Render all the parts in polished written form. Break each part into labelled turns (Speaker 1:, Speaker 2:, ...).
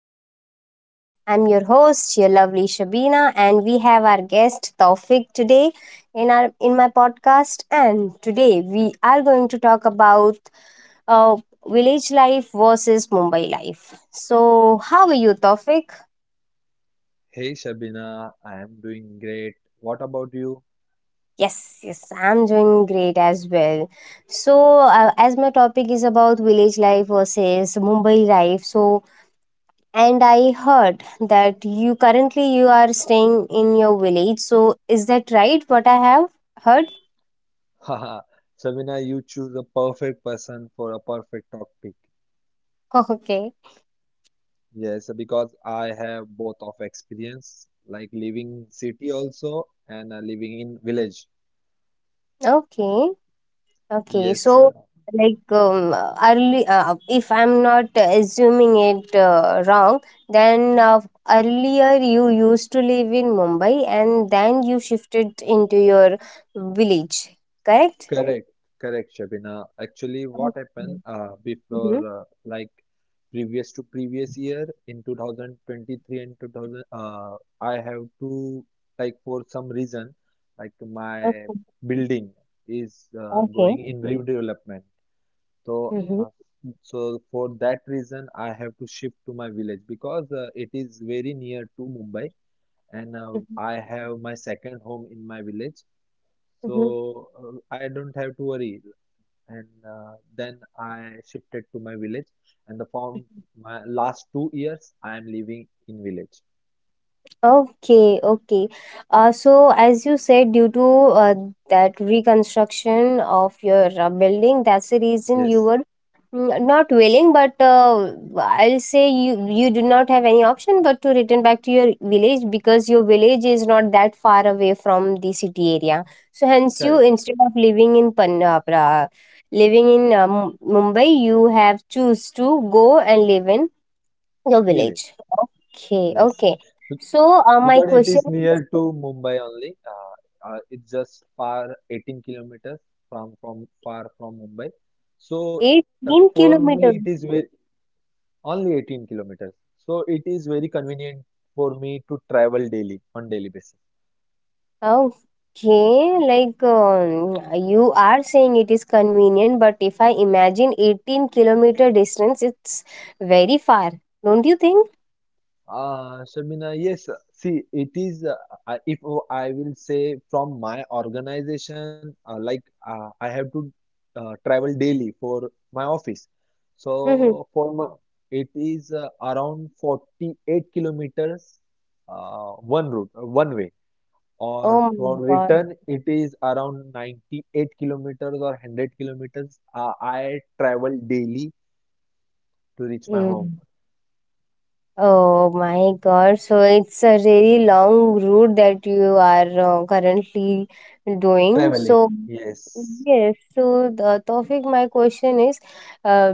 Speaker 1: podcast. I'm your host, your lovely Shabina, and we have our guest Taufik today in my podcast. And today we are going to talk about uh, village life versus Mumbai life. So, how are you, Taufik?
Speaker 2: Hey Shabina, I am doing great. What about you?
Speaker 1: Yes, yes, I'm doing great as well. So, as my topic is about village life versus Mumbai life, so and I heard that you currently you are staying in your village. So is that right? What I have heard?
Speaker 2: Haha, Shabina, you choose the perfect person for a perfect topic.
Speaker 1: Okay.
Speaker 2: Yes, because I have both of experience, like living city also and living in village.
Speaker 1: Okay. Okay.
Speaker 2: Yes,
Speaker 1: So like early, if I'm not assuming it wrong, then, earlier you used to live in Mumbai and then you shifted into your village, correct?
Speaker 2: correct, correct, Shabina. Actually,
Speaker 1: Okay.
Speaker 2: what happened before,
Speaker 1: Mhm.
Speaker 2: like previous to previous year in 2023 and 2000, I have to, like, for some reason, like my
Speaker 1: Okay,
Speaker 2: building is
Speaker 1: okay.
Speaker 2: going in redevelopment. So,
Speaker 1: Mhm.
Speaker 2: uh, so for that reason, I have to shift to my village because it is very near to Mumbai, and
Speaker 1: Mhm.
Speaker 2: I have my second home in my village. So I don't have to worry and then I shifted to my village and the form
Speaker 1: Mhm.
Speaker 2: my last 2 years I am living in village.
Speaker 1: Okay, okay. So, as you said, due to, uh, that reconstruction of your building, that's the reason you
Speaker 2: Yes,
Speaker 1: were, not willing, but I'll say you do not have any option but to return back to your village because your village is not that far away from the city area. So, hence, you,
Speaker 2: correct.
Speaker 1: instead of living in Pan, living in Mumbai, you have choose to go and live in your
Speaker 2: Village.
Speaker 1: village. Okay,
Speaker 2: Yes,
Speaker 1: okay.
Speaker 2: Be-
Speaker 1: So, my
Speaker 2: because it
Speaker 1: question
Speaker 2: is
Speaker 1: is
Speaker 2: near to Mumbai only. It's just far 18 kilometers from far from Mumbai. So for
Speaker 1: 18
Speaker 2: me it is
Speaker 1: kilometers.
Speaker 2: very, only 18 kilometers. So it is very convenient for me to travel daily on daily basis.
Speaker 1: Okay, like you are saying it is convenient, but if I imagine 18-kilometer distance, it's very far, don't you think?
Speaker 2: Shabina, yes. See, it is, I- if o- I will say from my organization, like I have to travel daily for my office.
Speaker 1: Hmm.
Speaker 2: So for my, it is around 48 kilometers one route, one way. Or
Speaker 1: Oh my
Speaker 2: for
Speaker 1: God.
Speaker 2: return, it is around 98 kilometers or 100 kilometers. I travel daily to reach my
Speaker 1: Hmm.
Speaker 2: home.
Speaker 1: Oh my God. So it's a really long route that you are currently doing.
Speaker 2: Traveling.
Speaker 1: So,
Speaker 2: Yes.
Speaker 1: yes. So, the topic, my question is, uh,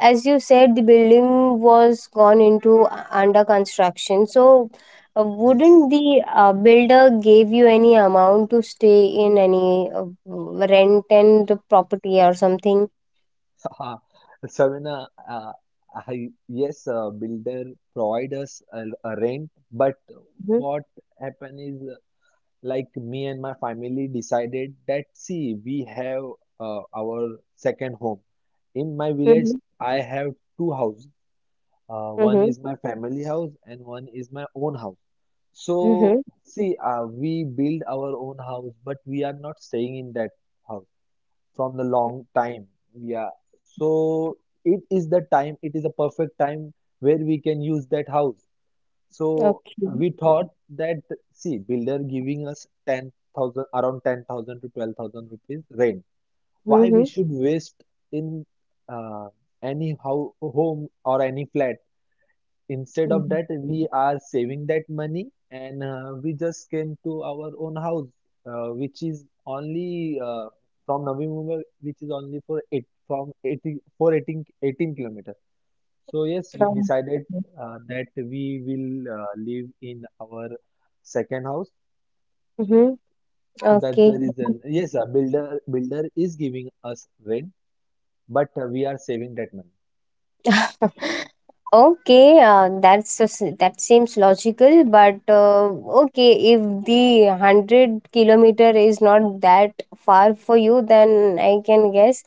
Speaker 1: as you said, the building was gone into under construction. So, wouldn't
Speaker 2: Yes.
Speaker 1: the builder gave you any amount to stay in any rent and property or something?
Speaker 2: Uh, Savina, I, yes, builder provide us a rent, but
Speaker 1: Mm-hmm.
Speaker 2: what happened is like me and my family decided that see, we have our second home. In my village,
Speaker 1: Mm-hmm.
Speaker 2: I have two houses. One
Speaker 1: Mm-hmm.
Speaker 2: is my family house and one is my own house.
Speaker 1: Mm-hmm.
Speaker 2: So see, we build our own house, but we are not staying in that house from the long time. Yeah. So it is the time, it is a perfect time where we can use that house. So
Speaker 1: Okay.
Speaker 2: we thought that, see, builder giving us 10,000, around 10,000 to 12,000 rupees rent. Why
Speaker 1: Mm-hmm.
Speaker 2: we should waste in uh, any how, home or any flat. Instead of
Speaker 1: Mm-hmm.
Speaker 2: that, we are saving that money and we just came to our own house, which is only from Navi Mumbai, which is only for eight from 80, for eighteen kilometers. So yes, we
Speaker 1: Mm-hmm.
Speaker 2: decided that we will live in our second house. So that's the
Speaker 1: Okay.
Speaker 2: reason. Yes, a builder is giving us rent, but we are saving that money.
Speaker 1: Okay, that's a that seems logical, but okay, if the 100 kilometer is not that far for you, then I can guess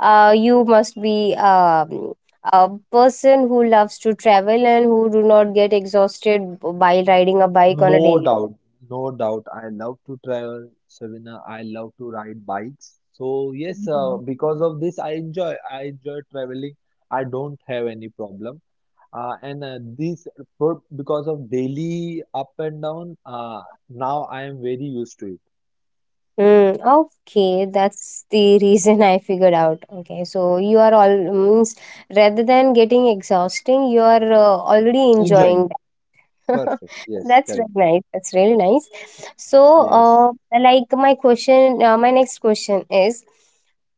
Speaker 1: you must be, a person who loves to travel and who do not get exhausted by riding a bike on a
Speaker 2: No
Speaker 1: daily.
Speaker 2: doubt, no doubt. I love to travel, Sabina. I love to ride bikes. So yes, because of this, I enjoy. I enjoy traveling. I don't have any problem. And this for, because of daily up and down. Now I am very used to it.
Speaker 1: Okay, that's the reason I figured out. Okay, so you are all means, rather than getting exhausting, you are already enjoying.
Speaker 2: Enjoying. Perfect.
Speaker 1: That's
Speaker 2: Yes,
Speaker 1: really
Speaker 2: correct.
Speaker 1: nice. That's really nice. So,
Speaker 2: Yes,
Speaker 1: like my question, my next question is,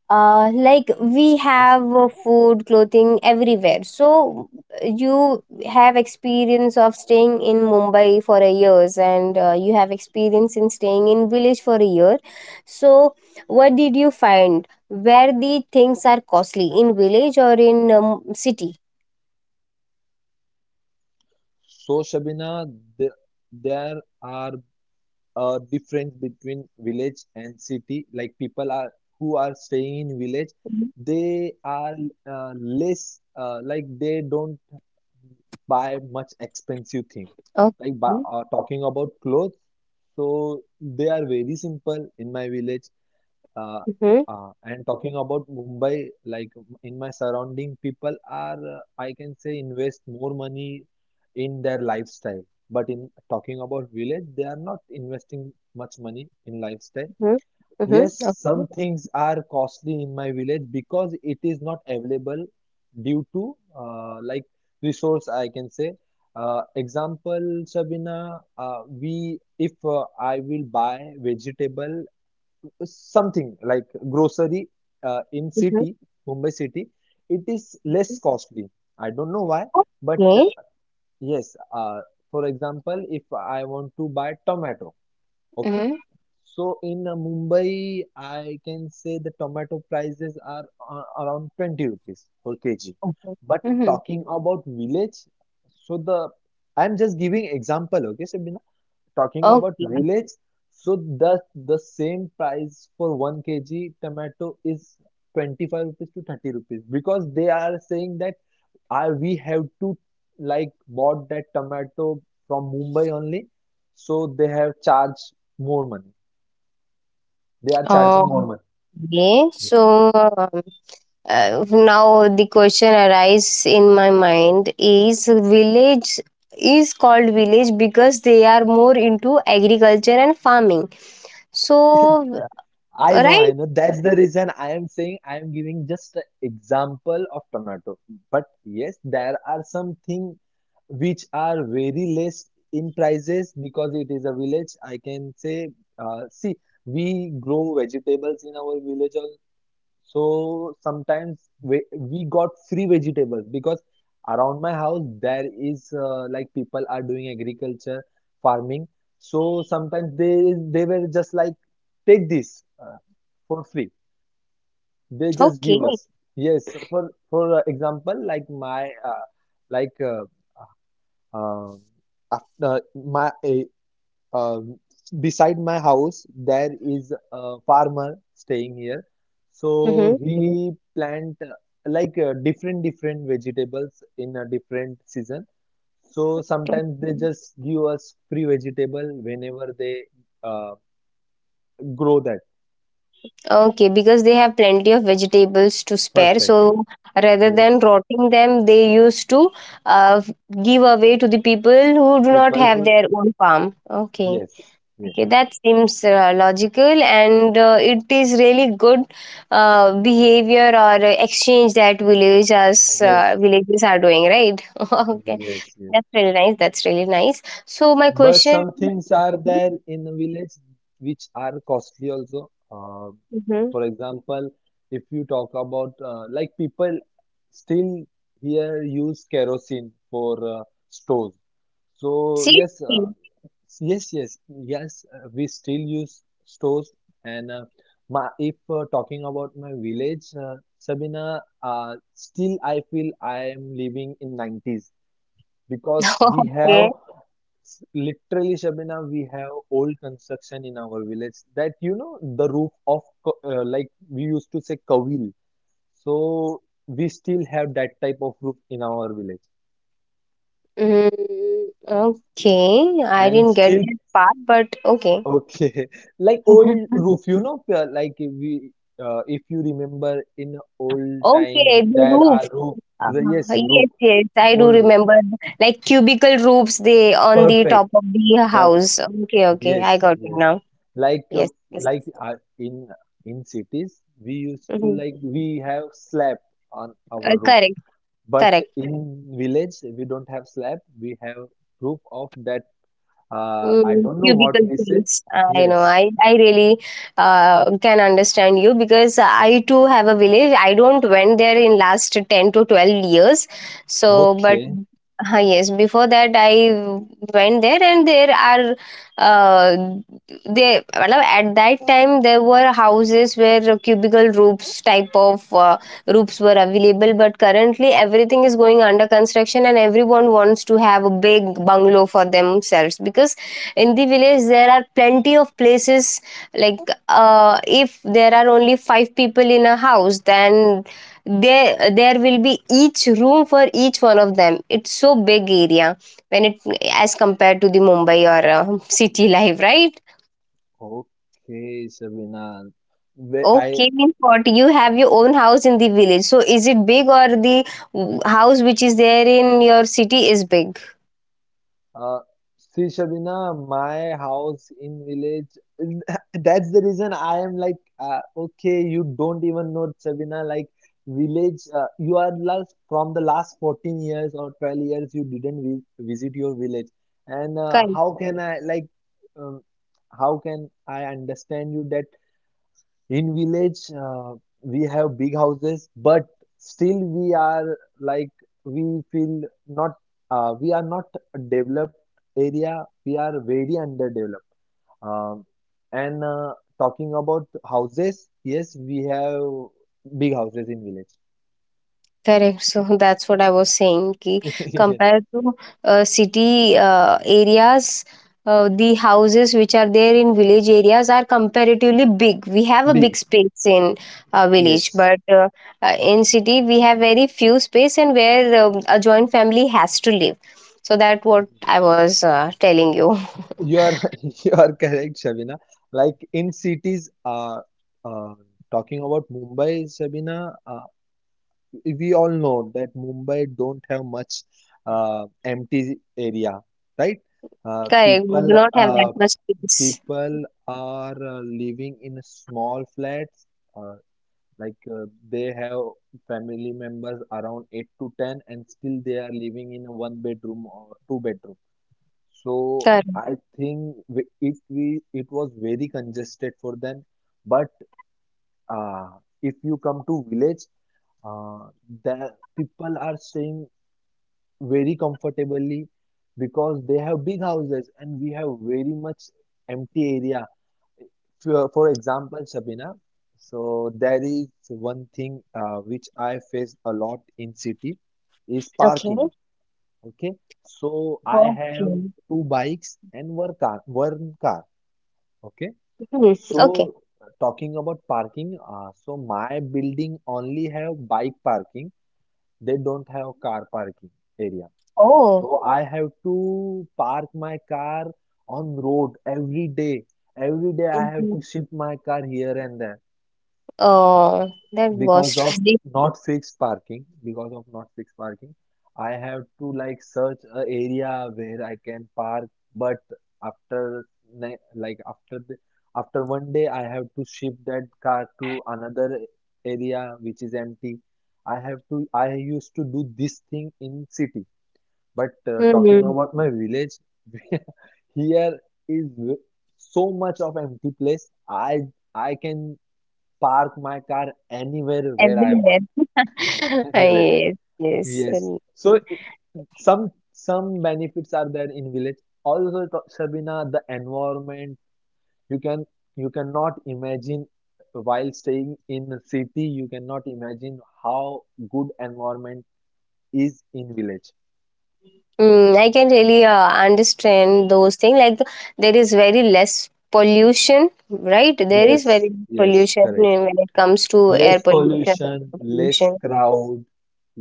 Speaker 1: like
Speaker 2: yes.
Speaker 1: we have food, clothing everywhere. So you have experience of staying in Mumbai for a years, and you have experience in staying in village for a year. So what did you find? Where the things are costly in village or in, city?
Speaker 2: So Shabina, the, there are a difference between village and city like people are who are staying in village
Speaker 1: Mhm.
Speaker 2: they are less like they don't buy much expensive thing
Speaker 1: Okay.
Speaker 2: like talking about clothes so they are very simple in my village uh,
Speaker 1: Mm-hmm.
Speaker 2: and talking about Mumbai, like in my surrounding, people are, I can say, invest more money in their lifestyle. But in talking about village, they are not investing much money in lifestyle.
Speaker 1: Mm-hmm. Mm-hmm.
Speaker 2: Yes,
Speaker 1: Okay.
Speaker 2: some things are costly in my village because it is not available due to like resource, I can say. Example, Shabina, we if I will buy vegetable something like grocery in
Speaker 1: Mhm.
Speaker 2: city, Mumbai city, it is less costly. I don't know why, but
Speaker 1: Okay.
Speaker 2: yes, for example, if I want to buy tomato, okay,
Speaker 1: Mm-hmm.
Speaker 2: so in Mumbai, I can say the tomato prices are around 20 rupees per kg.
Speaker 1: Okay.
Speaker 2: But
Speaker 1: Mm-hmm.
Speaker 2: talking about village, so the I'm just giving example, okay, Sabina talking about
Speaker 1: Okay.
Speaker 2: village, so the the same price for 1 kg tomato is 25 rupees to 30 rupees because they are saying that I we have to like bought that tomato from Mumbai only, so they have charged more money. They are charging
Speaker 1: Okay.
Speaker 2: more money.
Speaker 1: So now the question arises in my mind is village is called village because they are more into agriculture and farming. So
Speaker 2: I know,
Speaker 1: right.
Speaker 2: I know. That's the reason I am saying I am giving just an example of tomato. But yes, there are something which are very less in prices because it is a village. I can say, see, we grow vegetables in our village also. So sometimes we got free vegetables because around my house there is like people are doing agriculture, farming. So sometimes they were just like take this for free. They just
Speaker 1: Okay.
Speaker 2: give us. Yes, for example, like my like uh, um, after my um, beside my house, there is a farmer staying here. So he plant like different different vegetables in a different season. So sometimes they
Speaker 1: Mm-hmm.
Speaker 2: just give us free vegetable whenever they uh, grow that.
Speaker 1: Okay, because they have plenty of vegetables to spare.
Speaker 2: Perfect.
Speaker 1: So rather than
Speaker 2: Yes.
Speaker 1: rotting them, they used to uh, give away to the people who do not
Speaker 2: People
Speaker 1: have
Speaker 2: who,
Speaker 1: their own farm. Okay.
Speaker 2: yes, yes,
Speaker 1: Okay, that seems logical and it is really good behavior or exchange that villagers
Speaker 2: yes,
Speaker 1: villages are doing, right? Okay,
Speaker 2: yes,
Speaker 1: that's really
Speaker 2: yes.
Speaker 1: nice. That's really nice. So my
Speaker 2: But
Speaker 1: question.
Speaker 2: some things are there in a village which are costly also.
Speaker 1: Mm-hmm.
Speaker 2: For example, if you talk about like people still here use kerosene for stove. So
Speaker 1: See,
Speaker 2: yes, yes, yes, yes. We still use stores, and my, if talking about my village, Sabina, still I feel I am living in 90s because we have
Speaker 1: okay.
Speaker 2: literally Shabina, we have old construction in our village that you know the roof of like we used to say kavil. So we still have that type of roof in our village
Speaker 1: Mm, okay, I
Speaker 2: and
Speaker 1: didn't get
Speaker 2: still
Speaker 1: that part, but okay.
Speaker 2: okay like old roof you know like if we if you remember in old time
Speaker 1: Okay, the
Speaker 2: there
Speaker 1: roofs.
Speaker 2: are roof
Speaker 1: Uh,
Speaker 2: yes roof
Speaker 1: yes, yes, I do
Speaker 2: old roof
Speaker 1: remember. Like cubicle roofs, they on the
Speaker 2: perfect
Speaker 1: top of the
Speaker 2: perfect.
Speaker 1: house. Okay, okay,
Speaker 2: Yes,
Speaker 1: I got it
Speaker 2: yes.
Speaker 1: now.
Speaker 2: Like uh,
Speaker 1: Yes, yes.
Speaker 2: like in cities, we used to
Speaker 1: Hmm.
Speaker 2: like we have slab on our roof,
Speaker 1: Correct,
Speaker 2: but
Speaker 1: correct.
Speaker 2: in village we don't have slab. We have roof of that. I
Speaker 1: Mm,
Speaker 2: don't know what
Speaker 1: cubicle
Speaker 2: we said.
Speaker 1: things. I know.
Speaker 2: Yes.
Speaker 1: I really can understand you because I too have a village. I don't went there in last 10 to 12 years. So, but
Speaker 2: Okay.
Speaker 1: yes, before that I went there, and there are, uh, they, well, at that time there were houses where cubicle roofs type of roofs were available. But currently everything is going under construction, and everyone wants to have a big bungalow for themselves because in the village there are plenty of places, like, if there are only five people in a house, then there will be each room for each one of them. It's so big area when it as compared to the Mumbai or city life, right?
Speaker 2: Okay, Shabina. Wh- I
Speaker 1: Okay, means what, you have your own house in the village, so is it big or the house which is there in your city is big?
Speaker 2: Uh, see, Shabina, my house in village. That's the reason I am like, okay, you don't even know Shabina. Like village, you are last from the last 14 years or 12 years, you didn't vi visit your village. And how can I like, um, how can I understand you that in village, we have big houses, but still we are like we feel not we are not a developed area. We are very underdeveloped. Um, and talking about houses, yes, we have big houses in village.
Speaker 1: Correct. So that's what I was saying. Ki
Speaker 2: Yes.
Speaker 1: compared to city areas, the houses which are there in village areas are comparatively big. We have a big
Speaker 2: Big.
Speaker 1: space in village,
Speaker 2: Yes,
Speaker 1: but in city we have very few space, and where, a joint family has to live. So that what I was telling you.
Speaker 2: you are you are correct, Shabina. Like in cities, uh, talking about Mumbai, Shabina. We all know that Mumbai don't have much empty area, right?
Speaker 1: Correct. We do
Speaker 2: People
Speaker 1: not have that much space.
Speaker 2: people are living in small flats, uh, like they have family members around eight to ten, and still they are living in a one bedroom or two bedroom. So
Speaker 1: Correct.
Speaker 2: I think it was very congested for them, but uh, if you come to village, uh, the people are staying very comfortably because they have big houses and we have very much empty area. For example, Sabina, so there is one thing which I face a lot in city is
Speaker 1: Okay.
Speaker 2: parking. Okay, so I have
Speaker 1: Okay.
Speaker 2: two bikes and one car. One car. Okay,
Speaker 1: Hmm. Okay.
Speaker 2: so talking about parking, so my building only have bike parking. They don't have car parking area.
Speaker 1: Oh.
Speaker 2: So I have to park my car on road every day. Every day I have
Speaker 1: Mm-hmm.
Speaker 2: to shift my car here and there
Speaker 1: Oh, that was
Speaker 2: because of
Speaker 1: tragic.
Speaker 2: not fixed parking. Because of not fixed parking, I have to like search a area where I can park. But after ni- like after the, after one day, I have to shift that car to another area which is empty. I used to do this thing in city. But talking
Speaker 1: Mhm.
Speaker 2: about my village, here is so much of empty place. I can park my car anywhere where I want.
Speaker 1: Everywhere.
Speaker 2: Anywhere.
Speaker 1: Yes, yes.
Speaker 2: Yes.
Speaker 1: Mm.
Speaker 2: So it, some benefits are there in village. Also, Sabina, the environment you can you cannot imagine while staying in a city. You cannot imagine how good environment is in village.
Speaker 1: Mm, I can really understand those things. Like there is very less pollution, right? There is
Speaker 2: Yes.
Speaker 1: very
Speaker 2: Yes.
Speaker 1: pollution,
Speaker 2: Correct.
Speaker 1: eh, when it comes to
Speaker 2: Less
Speaker 1: air pollution,
Speaker 2: pollution,
Speaker 1: water
Speaker 2: less
Speaker 1: pollution.
Speaker 2: crowd,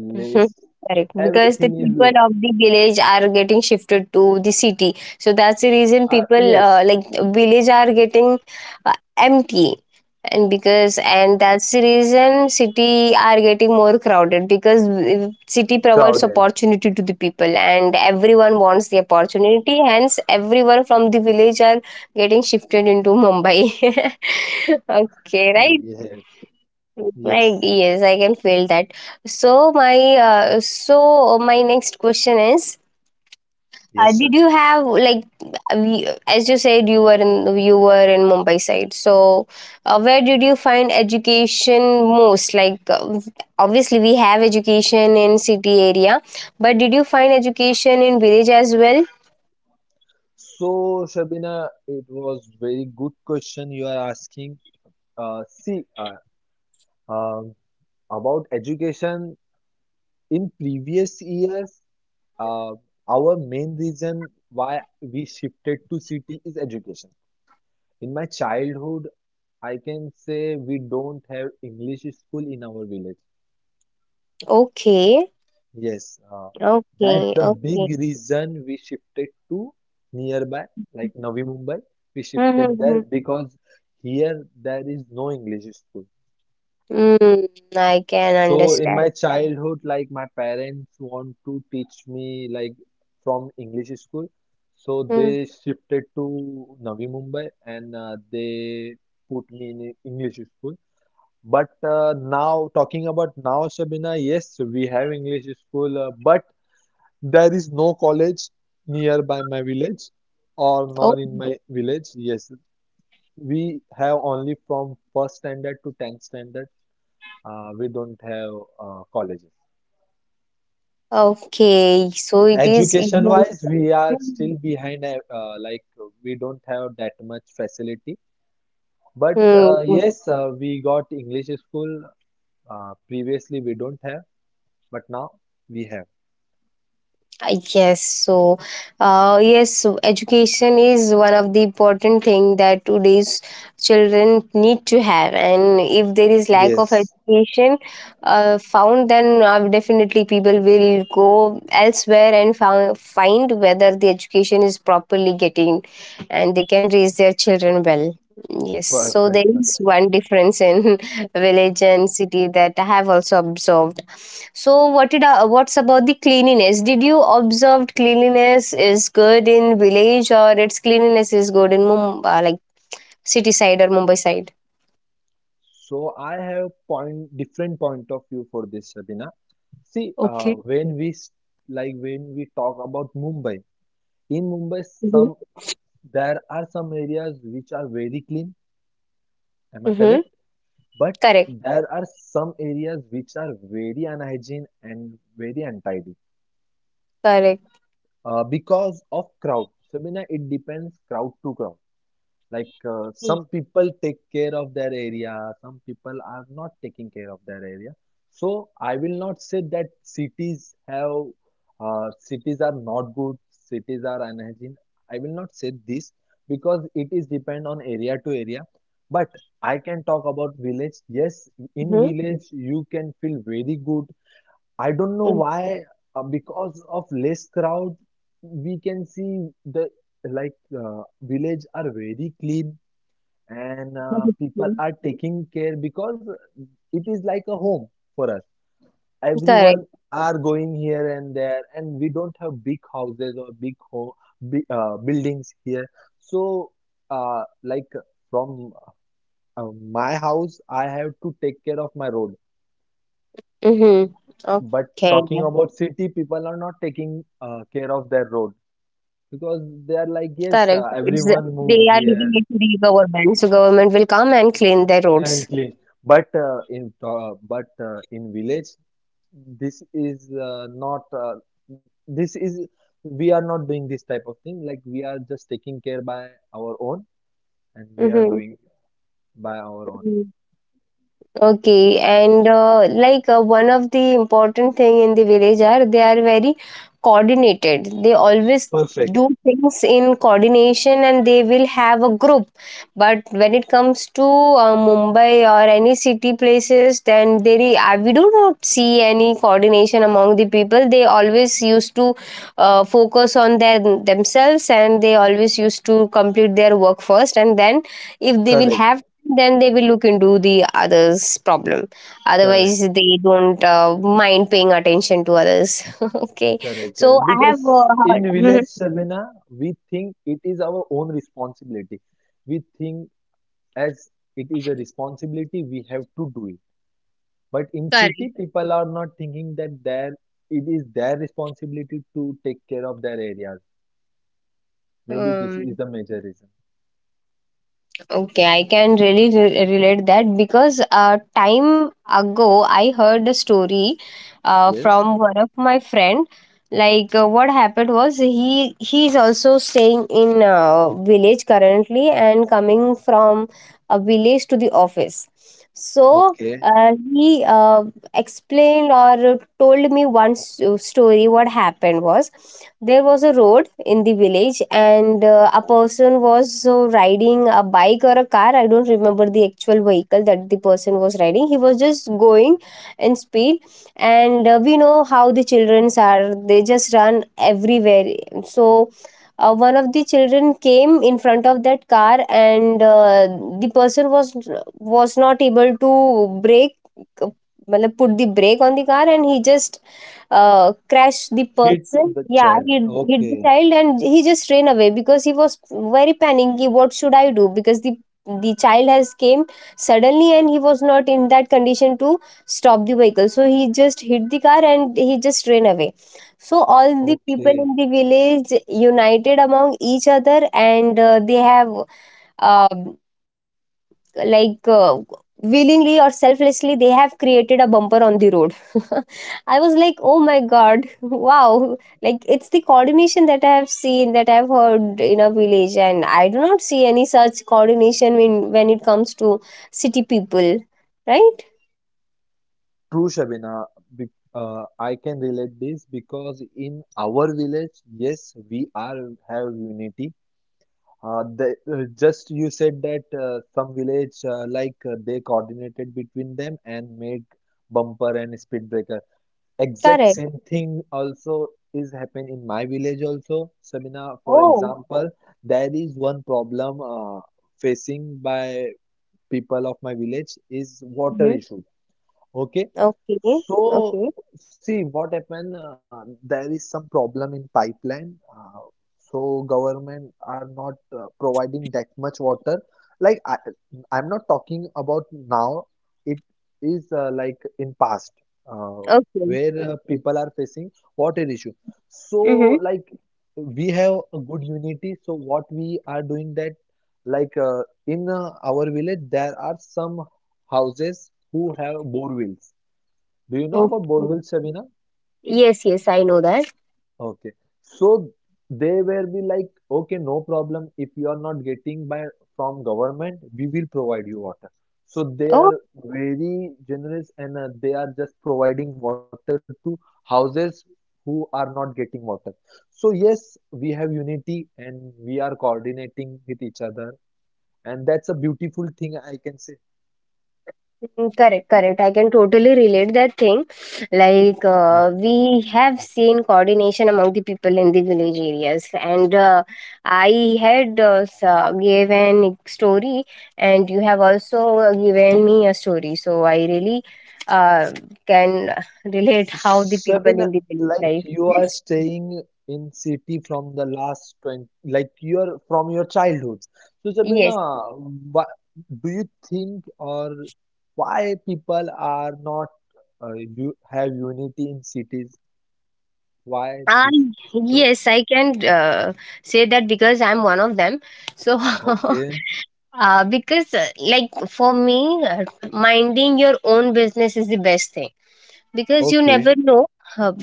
Speaker 1: Mhm. Correct, because the
Speaker 2: everything is
Speaker 1: people
Speaker 2: less.
Speaker 1: of the village are getting shifted to the city, so that's the
Speaker 2: Yes,
Speaker 1: reason people, like, village are getting empty, and because and that's the reason city are getting more crowded because
Speaker 2: crowded.
Speaker 1: city provides opportunity to the people and everyone wants the opportunity. Hence, everyone from the village are getting shifted into Mumbai. Okay,
Speaker 2: Yes,
Speaker 1: right.
Speaker 2: yes,
Speaker 1: Right, yes, I can feel that. So my so my next question is,
Speaker 2: yes, sir.
Speaker 1: did you have like, as you said you were in Mumbai side. So where did you find education most? Like, obviously we have education in city area, but did you find education in village as well?
Speaker 2: So, Shabina, it was very good question you are asking. See, um, about education in previous years, uh, our main reason why we shifted to city is education. In my childhood, I can say we don't have English school in our village.
Speaker 1: Okay,
Speaker 2: Yes, that's
Speaker 1: okay,
Speaker 2: the big
Speaker 1: okay.
Speaker 2: reason we shifted to nearby, like Navi Mumbai. We shifted
Speaker 1: Mm-hmm.
Speaker 2: there
Speaker 1: Mm-hmm.
Speaker 2: because here there is no English school.
Speaker 1: Mm, I can
Speaker 2: So in
Speaker 1: understand.
Speaker 2: my childhood, like my parents want to teach me like from English school, so
Speaker 1: Hmm.
Speaker 2: they shifted to Navi Mumbai and they put me in a English school. But now, talking about now, Shabina, yes, we have English school, but there is no college nearby my village or not in my village. Yes, we have only from first standard to 10th standard. We don't have colleges.
Speaker 1: Okay, so it is
Speaker 2: Education
Speaker 1: emotion.
Speaker 2: wise, we are still behind, like we don't have that much facility. But
Speaker 1: Hmm.
Speaker 2: yes, we got English school. Previously, we don't have, but now we have.
Speaker 1: I guess so. Yes, education is one of the important thing that today's children need to have, and if there is lack
Speaker 2: Yes.
Speaker 1: of education found, then definitely people will go elsewhere and found, find whether the education is properly getting, and they can raise their children well. Yes, so
Speaker 2: Perfect,
Speaker 1: there
Speaker 2: perfect.
Speaker 1: is one difference in village and city that I have also observed. So, what did I, what's about the cleanliness? Did you observed cleanliness is good in village or its cleanliness is good in Mumbai, like city side or Mumbai side?
Speaker 2: So I have point different point of view for this, Sabina. See, like when we talk about Mumbai, in Mumbai,
Speaker 1: Mm-hmm.
Speaker 2: some there are some areas which are very clean. Am I
Speaker 1: Mm-hmm.
Speaker 2: correct? But
Speaker 1: Correct.
Speaker 2: there are some areas which are very unhygiene and very untidy
Speaker 1: Correct.
Speaker 2: because of crowd. Sabina, it depends crowd to crowd. Like some people take care of their area, some people are not taking care of their area. So I will not say that cities are not good, cities are unhygiene. I will not say this because it is depend on area to area. But I can talk about village. Yes, in
Speaker 1: Mm-hmm.
Speaker 2: village you can feel very good. I don't know why, because of less crowd, we can see the village are very clean and people are taking care because it is like a home for us,
Speaker 1: Correct.
Speaker 2: everyone are going here and there, and we don't have big houses or big home, big, buildings here, so uh, like from my house I have to take care of my road.
Speaker 1: Mm-hmm.
Speaker 2: But
Speaker 1: Okay.
Speaker 2: talking about city, people are not taking care of their road because
Speaker 1: Correct.
Speaker 2: they are like,
Speaker 1: It's
Speaker 2: yes,
Speaker 1: they are
Speaker 2: everyone
Speaker 1: leaving it
Speaker 2: moves
Speaker 1: to the
Speaker 2: here
Speaker 1: government, so government will come and clean their roads.
Speaker 2: and clean. But in village, this is not this is we are not doing this type of thing. Like we are just taking care by our own, and we are
Speaker 1: Mm-hmm.
Speaker 2: doing by our own.
Speaker 1: Okay, and like, one of the important thing in the village are they are very coordinated. They always
Speaker 2: Perfect.
Speaker 1: do things in coordination and they will have a group. But when it comes to Mumbai or any city places, then we do not see any coordination among the people. They always used to focus on their themselves and they always used to complete their work first, and then if they will have,
Speaker 2: Correct.
Speaker 1: then they will look into the others problem,
Speaker 2: Correct.
Speaker 1: otherwise they don't mind paying attention to others. Okay,
Speaker 2: Correct.
Speaker 1: so
Speaker 2: Correct.
Speaker 1: I have
Speaker 2: Because in
Speaker 1: heard. Mhm.
Speaker 2: village, Sabina, we think it is our own responsibility. We think as it is a responsibility, we have to do it. But in
Speaker 1: Correct.
Speaker 2: city, people are not thinking that their it is their responsibility to take care of their areas. Maybe this
Speaker 1: um,
Speaker 2: is the major reason.
Speaker 1: Okay, I can really relate that because time ago I heard a story
Speaker 2: Yes.
Speaker 1: from one of my friend. Like, what happened was, he is also staying in a village currently and coming from a village to the office. So
Speaker 2: Okay.
Speaker 1: he explained or told me one story. What happened was, there was a road in the village and a person was so riding a bike or a car. I don't remember the actual vehicle that the person was riding. He was just going in speed, and we know how the children are, they just run everywhere. So one of the children came in front of that car, and the person was not able to brake, matlab put the brake on the car, and he just
Speaker 2: Hit
Speaker 1: crashed the
Speaker 2: the
Speaker 1: person.
Speaker 2: child.
Speaker 1: Yeah, he
Speaker 2: Okay.
Speaker 1: hit the child, and he just ran away because he was very panicky, what should I do, because the child has came suddenly and he was not in that condition to stop the vehicle, so he just hit the car and he just ran away. So all the
Speaker 2: Okay.
Speaker 1: people in the village united among each other, and they have, um, like, willingly or selflessly, they have created a bumper on the road. I was like, oh my God. Wow, like it's the coordination that I have seen, that I've heard in a village, and I do not see any such coordination when it comes to city people, right?
Speaker 2: True, Shabina. Be- I can relate this because in our village, yes, we are have unity. The, just you said that some village, they coordinated between them and made bumper and speed breaker. Exact
Speaker 1: Correct.
Speaker 2: same thing also is happen in my village also, Sabina. For
Speaker 1: Oh.
Speaker 2: example, there is one problem facing by people of my village is water
Speaker 1: Mm-hmm.
Speaker 2: issue. Okay.
Speaker 1: Okay,
Speaker 2: So,
Speaker 1: okay,
Speaker 2: see what happened. There is some problem in pipeline. So government are not providing that much water. Like I, I'm not talking about now. It is like in past, uh,
Speaker 1: okay.
Speaker 2: where people are facing water issue. So
Speaker 1: Mm-hmm.
Speaker 2: like we have a good unity. So what we are doing that like, in our village there are some houses who have borewells. Do you know about
Speaker 1: Okay,
Speaker 2: borewells, Shabina?
Speaker 1: yes, yes, I know that.
Speaker 2: Okay. So they were be like, okay, no problem. If you are not getting by from government, we will provide you water. So they
Speaker 1: Oh.
Speaker 2: are very generous and they are just providing water to houses who are not getting water. So yes, we have unity and we are coordinating with each other, and that's a beautiful thing I can say.
Speaker 1: Mm, correct, correct. I can totally relate that thing. Like we have seen coordination among the people in the village areas, and I had gave an story, and you have also given me a story. So I really uh, can relate how the people
Speaker 2: Sabina,
Speaker 1: in the village
Speaker 2: like
Speaker 1: life.
Speaker 2: you are
Speaker 1: Yes,
Speaker 2: staying in city from the last 20, like you're from your childhood. So
Speaker 1: yes.
Speaker 2: Sabina, why, do you think or why people are not you have unity in cities? Why
Speaker 1: I
Speaker 2: this is so?
Speaker 1: yes, I can say that because I'm one of them. So
Speaker 2: Okay,
Speaker 1: Because, like, for me, minding your own business is the best thing because you never
Speaker 2: okay,
Speaker 1: know uh,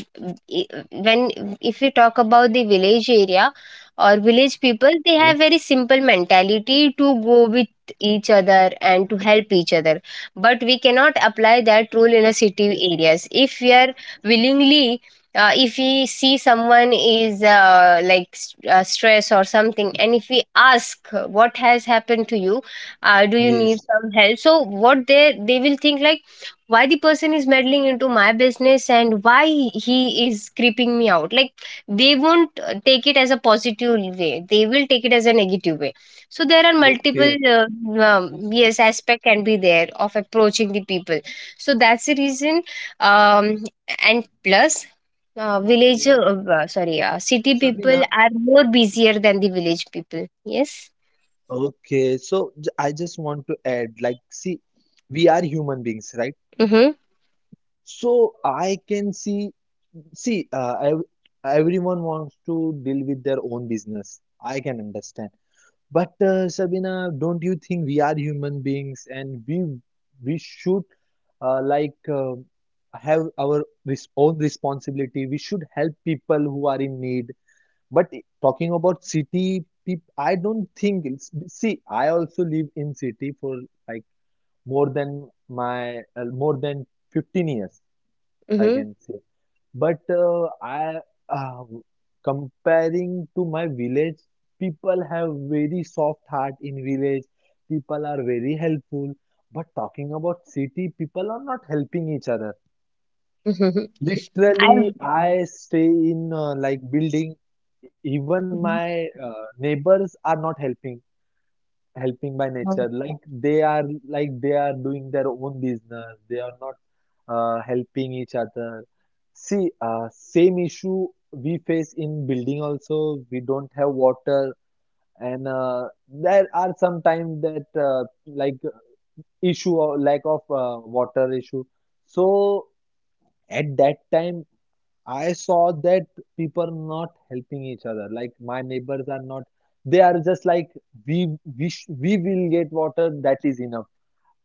Speaker 1: when, if we talk about the village area or village
Speaker 2: yes,
Speaker 1: people, they have very simple mentality to go with each other and to help each other. But we cannot apply that rule in a
Speaker 2: yes,
Speaker 1: city areas. If we are willingly if we see someone is like stress or something, and if we ask what has happened to you, do you need
Speaker 2: yes,
Speaker 1: some help? So what they will think like why the person is meddling into my business and why he is creeping me out, like they won't take it as a positive way, they will take it as a negative way. So there are multiple
Speaker 2: okay.
Speaker 1: um, yes aspect can be there of approaching the people. So that's the reason. um, and plus uh, village, uh,
Speaker 2: Okay,
Speaker 1: uh, sorry, city people are
Speaker 2: Sabina.
Speaker 1: more busier than the village people. Yes.
Speaker 2: I just want to add, like, see, we are human beings, right?
Speaker 1: Mm-hmm.
Speaker 2: So I can see, see, uh, ev- everyone wants to deal with their own business. I can understand. But Sabina, don't you think we are human beings and we should, uh, like uh, have our res own responsibility. We should help people who are in need. But talking about city people, I don't think it's, see, I also live in city for like more than 15 years, I
Speaker 1: Mm-hmm.
Speaker 2: can say. But I uh, comparing to my village, people have very soft heart in village. People are very helpful. But talking about city, people are not helping each other.
Speaker 1: Mm-hmm. I.
Speaker 2: Literally, I stay in like building. Even my neighbors are not helping by
Speaker 1: Mhm.
Speaker 2: nature, they are like they are doing their own business, they are not helping each other. See, same issue we face in building also, we don't have water, and there are sometimes that like issue or lack of water issue, so at that time I saw that people are not helping each other. Like my neighbors are not. They are just like, we will get water. That is enough.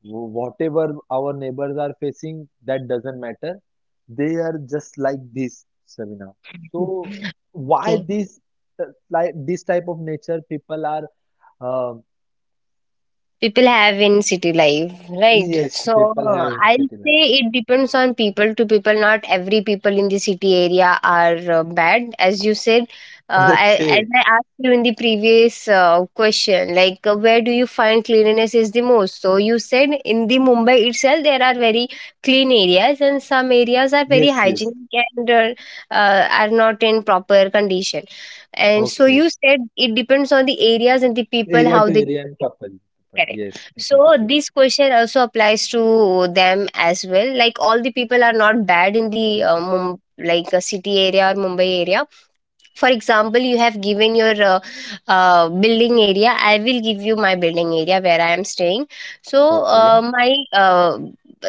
Speaker 2: Whatever our neighbors are facing, that doesn't matter. They are just like this, Sabina. So why
Speaker 1: Okay.
Speaker 2: this, like this type of nature people are? Uh,
Speaker 1: People have in city life, right?
Speaker 2: yes,
Speaker 1: So
Speaker 2: people have in
Speaker 1: I'll
Speaker 2: city life.
Speaker 1: say it depends on people to people. Not every people in the city area are bad as you said. uh, I, as
Speaker 2: Okay.
Speaker 1: I asked you in the previous question, like where do you find cleanliness is the most? So you said in the Mumbai itself there are very clean areas, and some areas are very
Speaker 2: Yes. Yes.
Speaker 1: hygienic and are not in proper condition. And so
Speaker 2: Okay.
Speaker 1: you said it depends on the areas and the people
Speaker 2: Area
Speaker 1: how
Speaker 2: to
Speaker 1: they.
Speaker 2: area and people to people.
Speaker 1: Correct.
Speaker 2: Yes. People
Speaker 1: So
Speaker 2: to
Speaker 1: this question also applies to them as well. Like all the people are not bad in the
Speaker 2: people.
Speaker 1: Like a city area or Mumbai area. For example, you have given your building area, I will give you my building area where I am staying. So
Speaker 2: Okay.
Speaker 1: my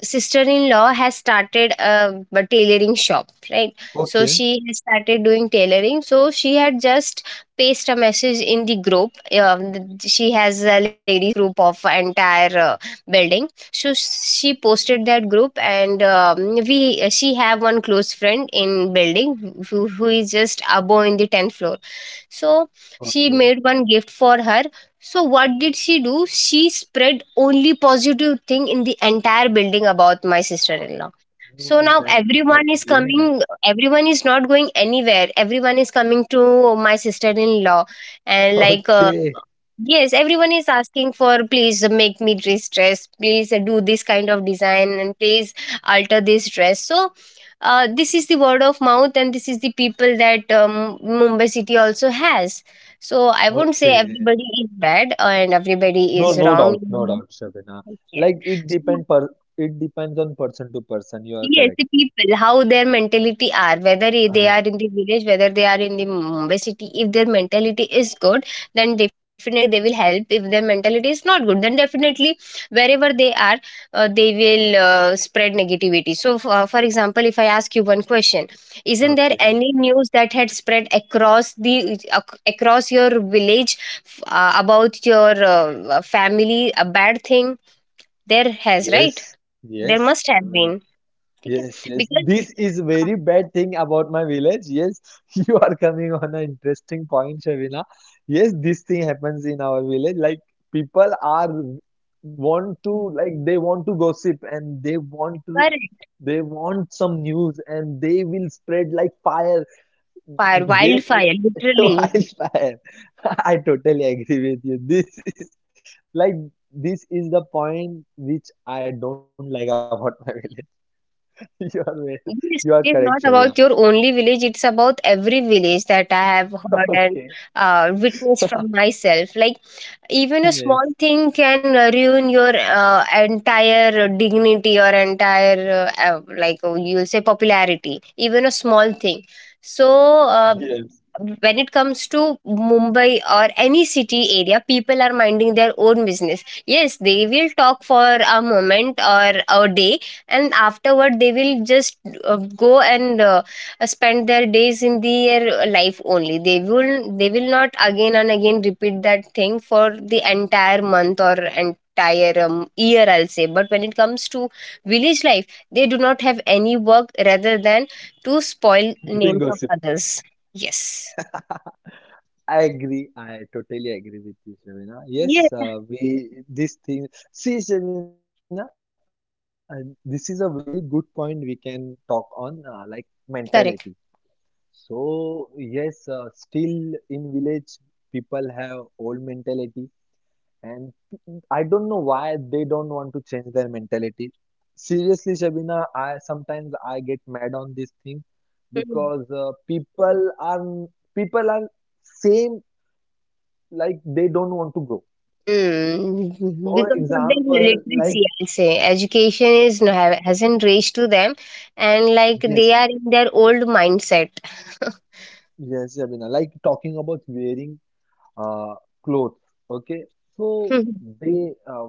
Speaker 1: sister-in-law has started a tailoring shop, right?
Speaker 2: Oh,
Speaker 1: So she has started doing tailoring, so she had just paste a message in the group. She has a ladies group of entire building, so she posted that group. And we she have one close friend in building, who is just above in the 10th floor. So she made one gift for her. So what did she do? She spread only positive thing in the entire building about my sister-in-law. So
Speaker 2: oh,
Speaker 1: now
Speaker 2: that's, that's
Speaker 1: everyone is
Speaker 2: really nice.
Speaker 1: coming, everyone is not going anywhere. Everyone is coming to my sister-in-law and like
Speaker 2: Okay,
Speaker 1: yes, everyone is asking for please make me this dress, please do this kind of design, and please alter this dress. So this is the word of mouth, and this is the people that Mumbai city also has. So I won't say
Speaker 2: okay.
Speaker 1: everybody is bad and everybody
Speaker 2: No,
Speaker 1: is
Speaker 2: no
Speaker 1: wrong.
Speaker 2: doubt, no doubt, Shabina.
Speaker 1: Yes.
Speaker 2: Like it
Speaker 1: So,
Speaker 2: depend per it depends on person to person. You are
Speaker 1: yes,
Speaker 2: correct.
Speaker 1: the people, how their mentality are, whether they
Speaker 2: Uh,
Speaker 1: are in the village, whether they are in the Mumbai city, if their mentality is good, then definitely they will help. If their mentality is not good, then definitely wherever they are, they will spread negativity. So, for example, if I ask you one question, isn't there
Speaker 2: okay.
Speaker 1: any news that had spread across the across your village about your family, a bad thing? There has, right?
Speaker 2: Yes,
Speaker 1: There
Speaker 2: yes,
Speaker 1: must have
Speaker 2: Shabina.
Speaker 1: been. ठीक है?
Speaker 2: Yes, yes.
Speaker 1: Because
Speaker 2: This is very bad thing about my village. Yes, you are coming on an interesting point, Shabina. Yes, this thing happens in our village. Like people are want to, like they want to gossip and they want to,
Speaker 1: correct.
Speaker 2: they want some news and they will spread like fire.
Speaker 1: Fire,
Speaker 2: This
Speaker 1: wildfire, literally.
Speaker 2: Wildfire. I totally agree with you. This is like, this is the point which I don't like about my village. You are very- you are correct,
Speaker 1: Yes,
Speaker 2: Shavina.
Speaker 1: it is not about your only village, it's about every village that I have
Speaker 2: Okay.
Speaker 1: heard and witnessed from myself. Like even a
Speaker 2: Yes.
Speaker 1: small thing can ruin your entire dignity or entire like you'll say popularity, even a small thing. So
Speaker 2: Yes.
Speaker 1: when it comes to Mumbai or any city area, people are minding their own business. Yes, they will talk for a moment or a day, and afterward they will just uh, go and spend their days in their life only. They will they will not again and again repeat that thing for the entire month or entire year, I'll say. But when it comes to village life, they do not have any work rather than to spoil
Speaker 2: Doing
Speaker 1: names of
Speaker 2: gossip.
Speaker 1: others. Yes.
Speaker 2: I agree. I totally agree with you, Shavina.
Speaker 1: Yeah,
Speaker 2: Yes, we this thing. See, Shavina, this is a very good point we can talk on, like mentality.
Speaker 1: correct.
Speaker 2: So yes, still in village, people have old mentality, and I don't know why they don't want to change their mentality. Seriously, Shabina, I sometimes I get mad on this thing
Speaker 1: Mm.
Speaker 2: because people are same, like they don't want to grow.
Speaker 1: Mm, because
Speaker 2: For
Speaker 1: of their
Speaker 2: example,
Speaker 1: literacy,
Speaker 2: like
Speaker 1: I'll say education is hasn't reached to them, and like they
Speaker 2: yes,
Speaker 1: are in their old mindset.
Speaker 2: yes, Shabina, like talking about wearing uh, clothes. Okay, so they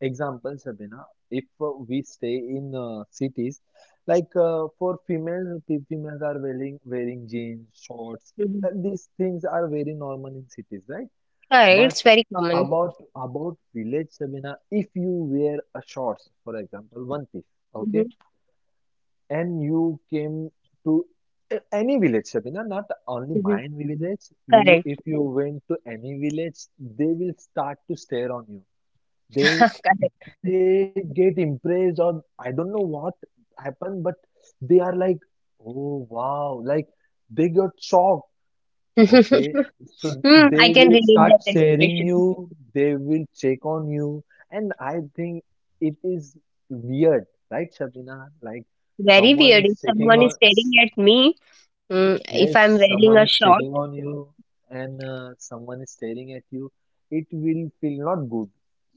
Speaker 2: example Sabina, if we stay in cities, like for females, females are wearing jeans, shorts.
Speaker 1: Mhm.
Speaker 2: These things are very normal in cities, right?
Speaker 1: Correct,
Speaker 2: But
Speaker 1: it's very common.
Speaker 2: about village Sabina, if you wear a shorts, for example, one piece,
Speaker 1: Mhm,
Speaker 2: okay, and you came to any village, Sabina, not only
Speaker 1: mhm.
Speaker 2: mine village. You,
Speaker 1: Correct,
Speaker 2: if you went to any village, they will start to stare on you. They
Speaker 1: correct.
Speaker 2: they get impressed, or I don't know what happened, but they are like, oh wow, like they got shocked. Okay, so
Speaker 1: Hmm,
Speaker 2: they
Speaker 1: I can
Speaker 2: will
Speaker 1: relate
Speaker 2: start
Speaker 1: that
Speaker 2: sharing
Speaker 1: expression.
Speaker 2: you, they will check on you, and I think it is weird, right, Shabina? Like
Speaker 1: Very
Speaker 2: someone
Speaker 1: weird
Speaker 2: is
Speaker 1: if
Speaker 2: checking
Speaker 1: someone
Speaker 2: on,
Speaker 1: is staring at me, mm, if
Speaker 2: yes,
Speaker 1: I'm
Speaker 2: someone
Speaker 1: wearing a
Speaker 2: is
Speaker 1: short.
Speaker 2: checking on you, and someone is staring at you. It will feel not good.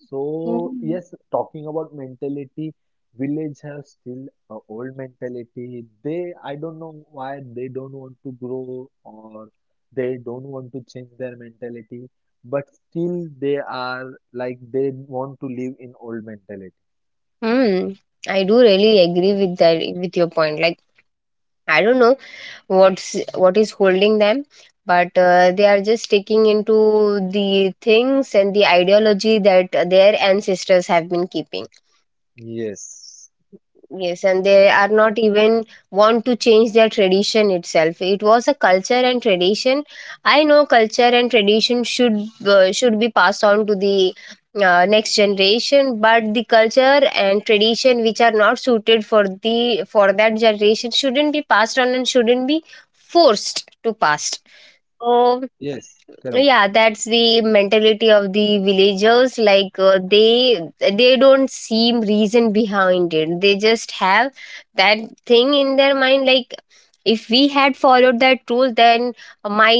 Speaker 2: So,
Speaker 1: Mm.
Speaker 2: yes, talking about mentality, village have still a old mentality. They, I don't know why they don't want to grow or they don't want to change their mentality, but still they are like they want to live in old mentality.
Speaker 1: Hmm. I do really agree with that with your point. Like I don't know what is holding them, but they are just sticking into the things and the ideology that their ancestors have been keeping.
Speaker 2: Yes.
Speaker 1: Yes, and they are
Speaker 2: Correct.
Speaker 1: not even want to change their tradition itself. It was a culture and tradition. I know culture and tradition should be passed on to the next generation, but the culture and tradition which are not suited for the for that generation shouldn't be passed on and shouldn't be forced to pass.
Speaker 2: Yes, correct.
Speaker 1: So yeah, that's the mentality of the villagers. Like they don't seem reason behind it, they just have that thing in their mind like if we had followed that rule, then my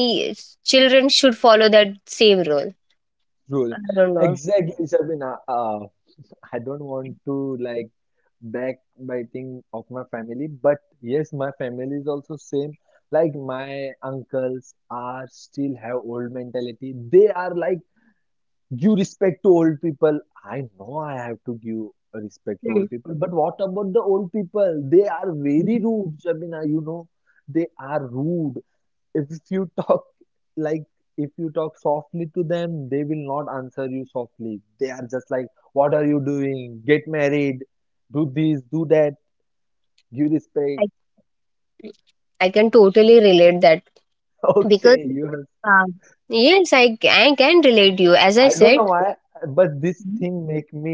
Speaker 1: children should follow that same rule.
Speaker 2: True.
Speaker 1: I don't know.
Speaker 2: Exactly, Shabina. I don't want to like backbiting of my family, but yes, my family is also same. Like my uncles are still have old mentality. They are like give respect to old people. I know I have to give respect to
Speaker 1: Hmm.
Speaker 2: old people, but what about the old people? They are very rude, Shabina, you know. They are rude if you talk like, if you talk softly to them they will not answer you softly, they are just like, what are you doing, get married, do this, do that, give respect.
Speaker 1: I, I can totally relate that because
Speaker 2: Okay, you have,
Speaker 1: um, yes, I can relate you as I
Speaker 2: I don't
Speaker 1: said.
Speaker 2: know why, but this
Speaker 1: Mhm.
Speaker 2: thing make me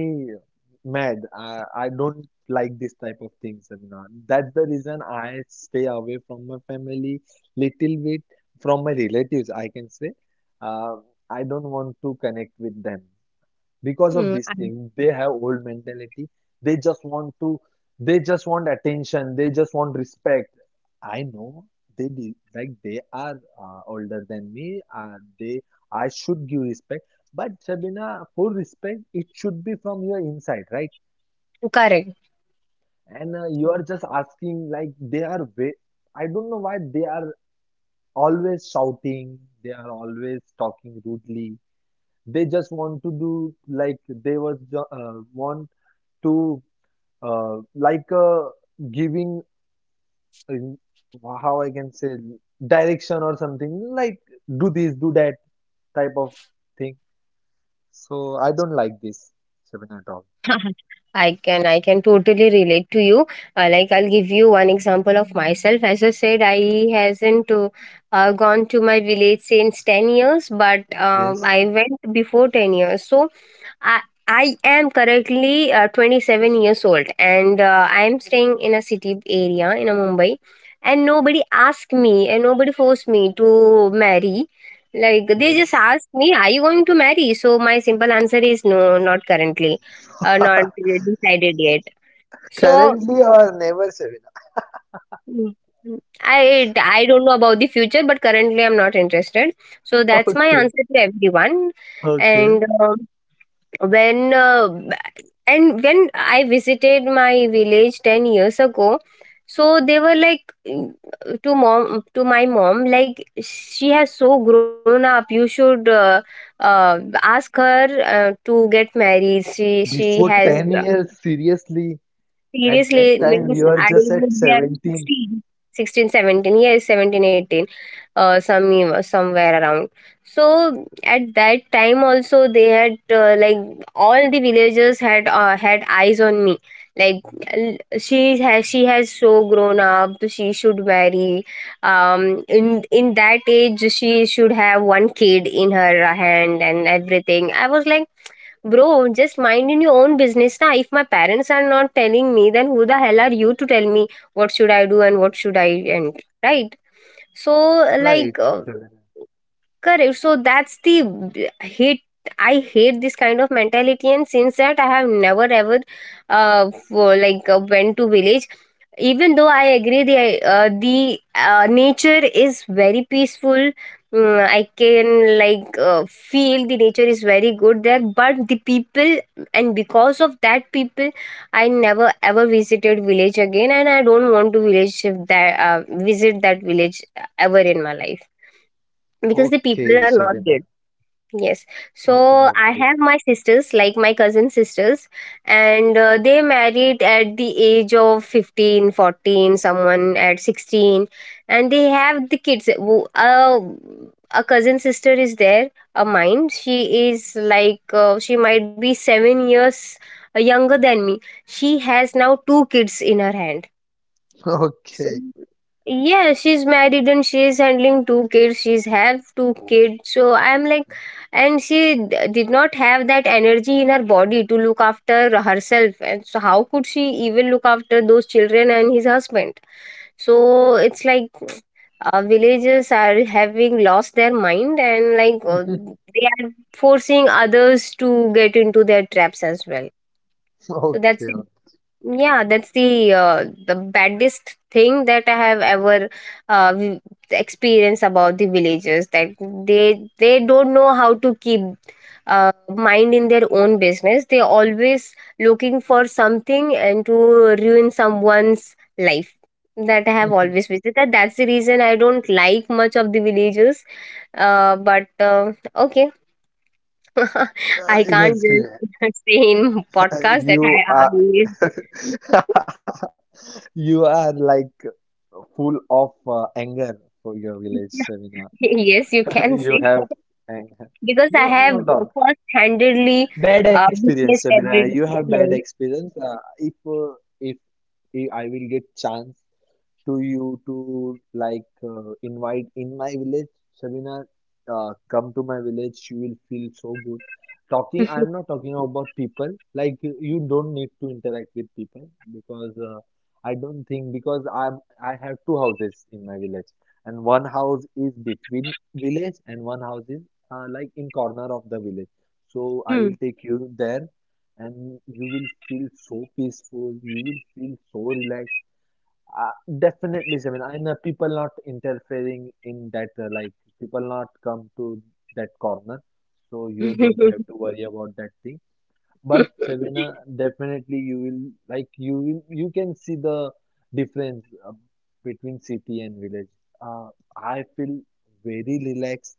Speaker 2: mad. I don't like this type of things, Seminar. That's the reason I stay away from my family little bit, from my relatives I can say. uh, I don't want to connect with them because of
Speaker 1: Mm,
Speaker 2: this thing. They have old mentality. they just want to they just want attention, they just want respect. I know like they are older than me. They I should give respect. But, Sabina, for respect it should be from your inside, right?
Speaker 1: correct.
Speaker 2: And you are just asking like I don't know why they are always shouting, they are always talking rudely. They just want to do, like want to, uh, like uh, giving, how I can say, direction or something, like do this, do that type of thing. So I don't like this, Shabina, at all.
Speaker 1: I can totally relate to you. Like I'll give you one example of myself. As I said, I hasn't gone to my village since 10 years, but
Speaker 2: Yes,
Speaker 1: I went before 10 years. So I I am currently 27 years old, and I am staying in a city area in a Mumbai, and nobody asked me and nobody forced me to marry. Like they just
Speaker 2: yes.
Speaker 1: asked me, "Are you going to marry?" So my simple answer is no, not currently, not really decided yet. So
Speaker 2: Currently or never, Shabina.
Speaker 1: mm, mm, I don't know about the future, but currently I'm not interested. So that's my
Speaker 2: Okay,
Speaker 1: answer to everyone. And
Speaker 2: okay.
Speaker 1: when I visited my village 10 years ago, so they were like mm, to my mom, like she has so grown up. You should. Ask her to get married. She
Speaker 2: Before
Speaker 1: has.
Speaker 2: 10 years, seriously? At that
Speaker 1: Seriously,
Speaker 2: time
Speaker 1: means
Speaker 2: you are
Speaker 1: I
Speaker 2: just at
Speaker 1: would be around
Speaker 2: 17.
Speaker 1: 16, 16, 17, 16, 17, yes, 17, 18, some, somewhere around. So at that time also they had like all the villagers had had eyes on me. Like she has so grown up, so she should marry. In that age she should have one kid in her hand and everything. I was like, bro, just minding your own business na. If my parents are not telling me, then who the hell are you to tell me what should I do and what should I, and right? So
Speaker 2: Right,
Speaker 1: like
Speaker 2: Shabina.
Speaker 1: correct. So that's the hate. I hate this kind of mentality, and since that, I have never ever, for, like went to village. Even though I agree, the nature is very peaceful. Mm, I can like feel the nature is very good there, but the people, and because of that people, I never ever visited village again, and I don't want to village that visit that village ever in my life because the
Speaker 2: Okay,
Speaker 1: people are not
Speaker 2: Shabina.
Speaker 1: good. Yes. So
Speaker 2: Okay,
Speaker 1: I
Speaker 2: okay.
Speaker 1: have my sisters, like my cousin sisters, and they married at the age of 15, 14, someone at 16, and they have the kids. A cousin sister is there a mine, she is like she might be 7 years younger than me. She has now two kids in her hand.
Speaker 2: Okay,
Speaker 1: Yeah, she's married and she's handling two kids. She's have two kids. So I'm like, and she did not have that energy in her body to look after herself. And so how could she even look after those children and his husband? So it's like villagers are having lost their mind, and like they are forcing others to get into their traps as well. So that's it.
Speaker 2: okay. Okay.
Speaker 1: Yeah, that's the baddest thing that I have ever uh, v- experienced about the villagers, that they don't know how to keep mind in their own business. They always looking for something and to ruin someone's life. That I have always visited. That's the reason I don't like much of the villagers. But okay, I can't
Speaker 2: Yes,
Speaker 1: just
Speaker 2: dear.
Speaker 1: say in podcast that
Speaker 2: You are
Speaker 1: I
Speaker 2: you are like full of anger for your village, Sabina.
Speaker 1: Yes, you can
Speaker 2: You
Speaker 1: say.
Speaker 2: have anger.
Speaker 1: Because I
Speaker 2: No,
Speaker 1: have
Speaker 2: no doubt.
Speaker 1: first-handedly
Speaker 2: Bad experience,
Speaker 1: witnessed
Speaker 2: Sabina. You
Speaker 1: every.
Speaker 2: have bad
Speaker 1: Yes.
Speaker 2: experience. If if if I will get chance to you to like invite in my village. Sabina, come to my village. You will feel so good. Talking, I'm not talking about people. Like you don't need to interact with people, because I don't think, because I have two houses in my village, and one house is between village and one house is like in corner of the village. So I
Speaker 1: Hmm.
Speaker 2: will take you there and you will feel so peaceful, you will feel so relaxed, uh, definitely, Seven. I know people not interfering in that, like people not come to that corner, so you don't have to worry about that thing. But, Sabina, definitely you will, you can see the difference between city and village. Uh, I feel very relaxed.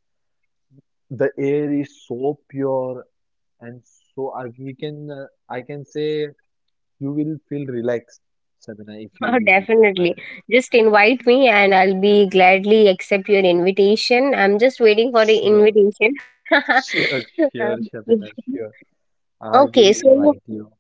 Speaker 2: The air is so pure, and so we can, I can say, you will feel relaxed, Sabina, if you
Speaker 1: Oh,
Speaker 2: visit my
Speaker 1: definitely.
Speaker 2: village.
Speaker 1: Just invite me and I'll be gladly accept your invitation. I'm just waiting for the
Speaker 2: Sure.
Speaker 1: invitation.
Speaker 2: Sure,
Speaker 1: Um,
Speaker 2: sure, Shabina, sure. I
Speaker 1: Okay,
Speaker 2: will
Speaker 1: so.
Speaker 2: invite you.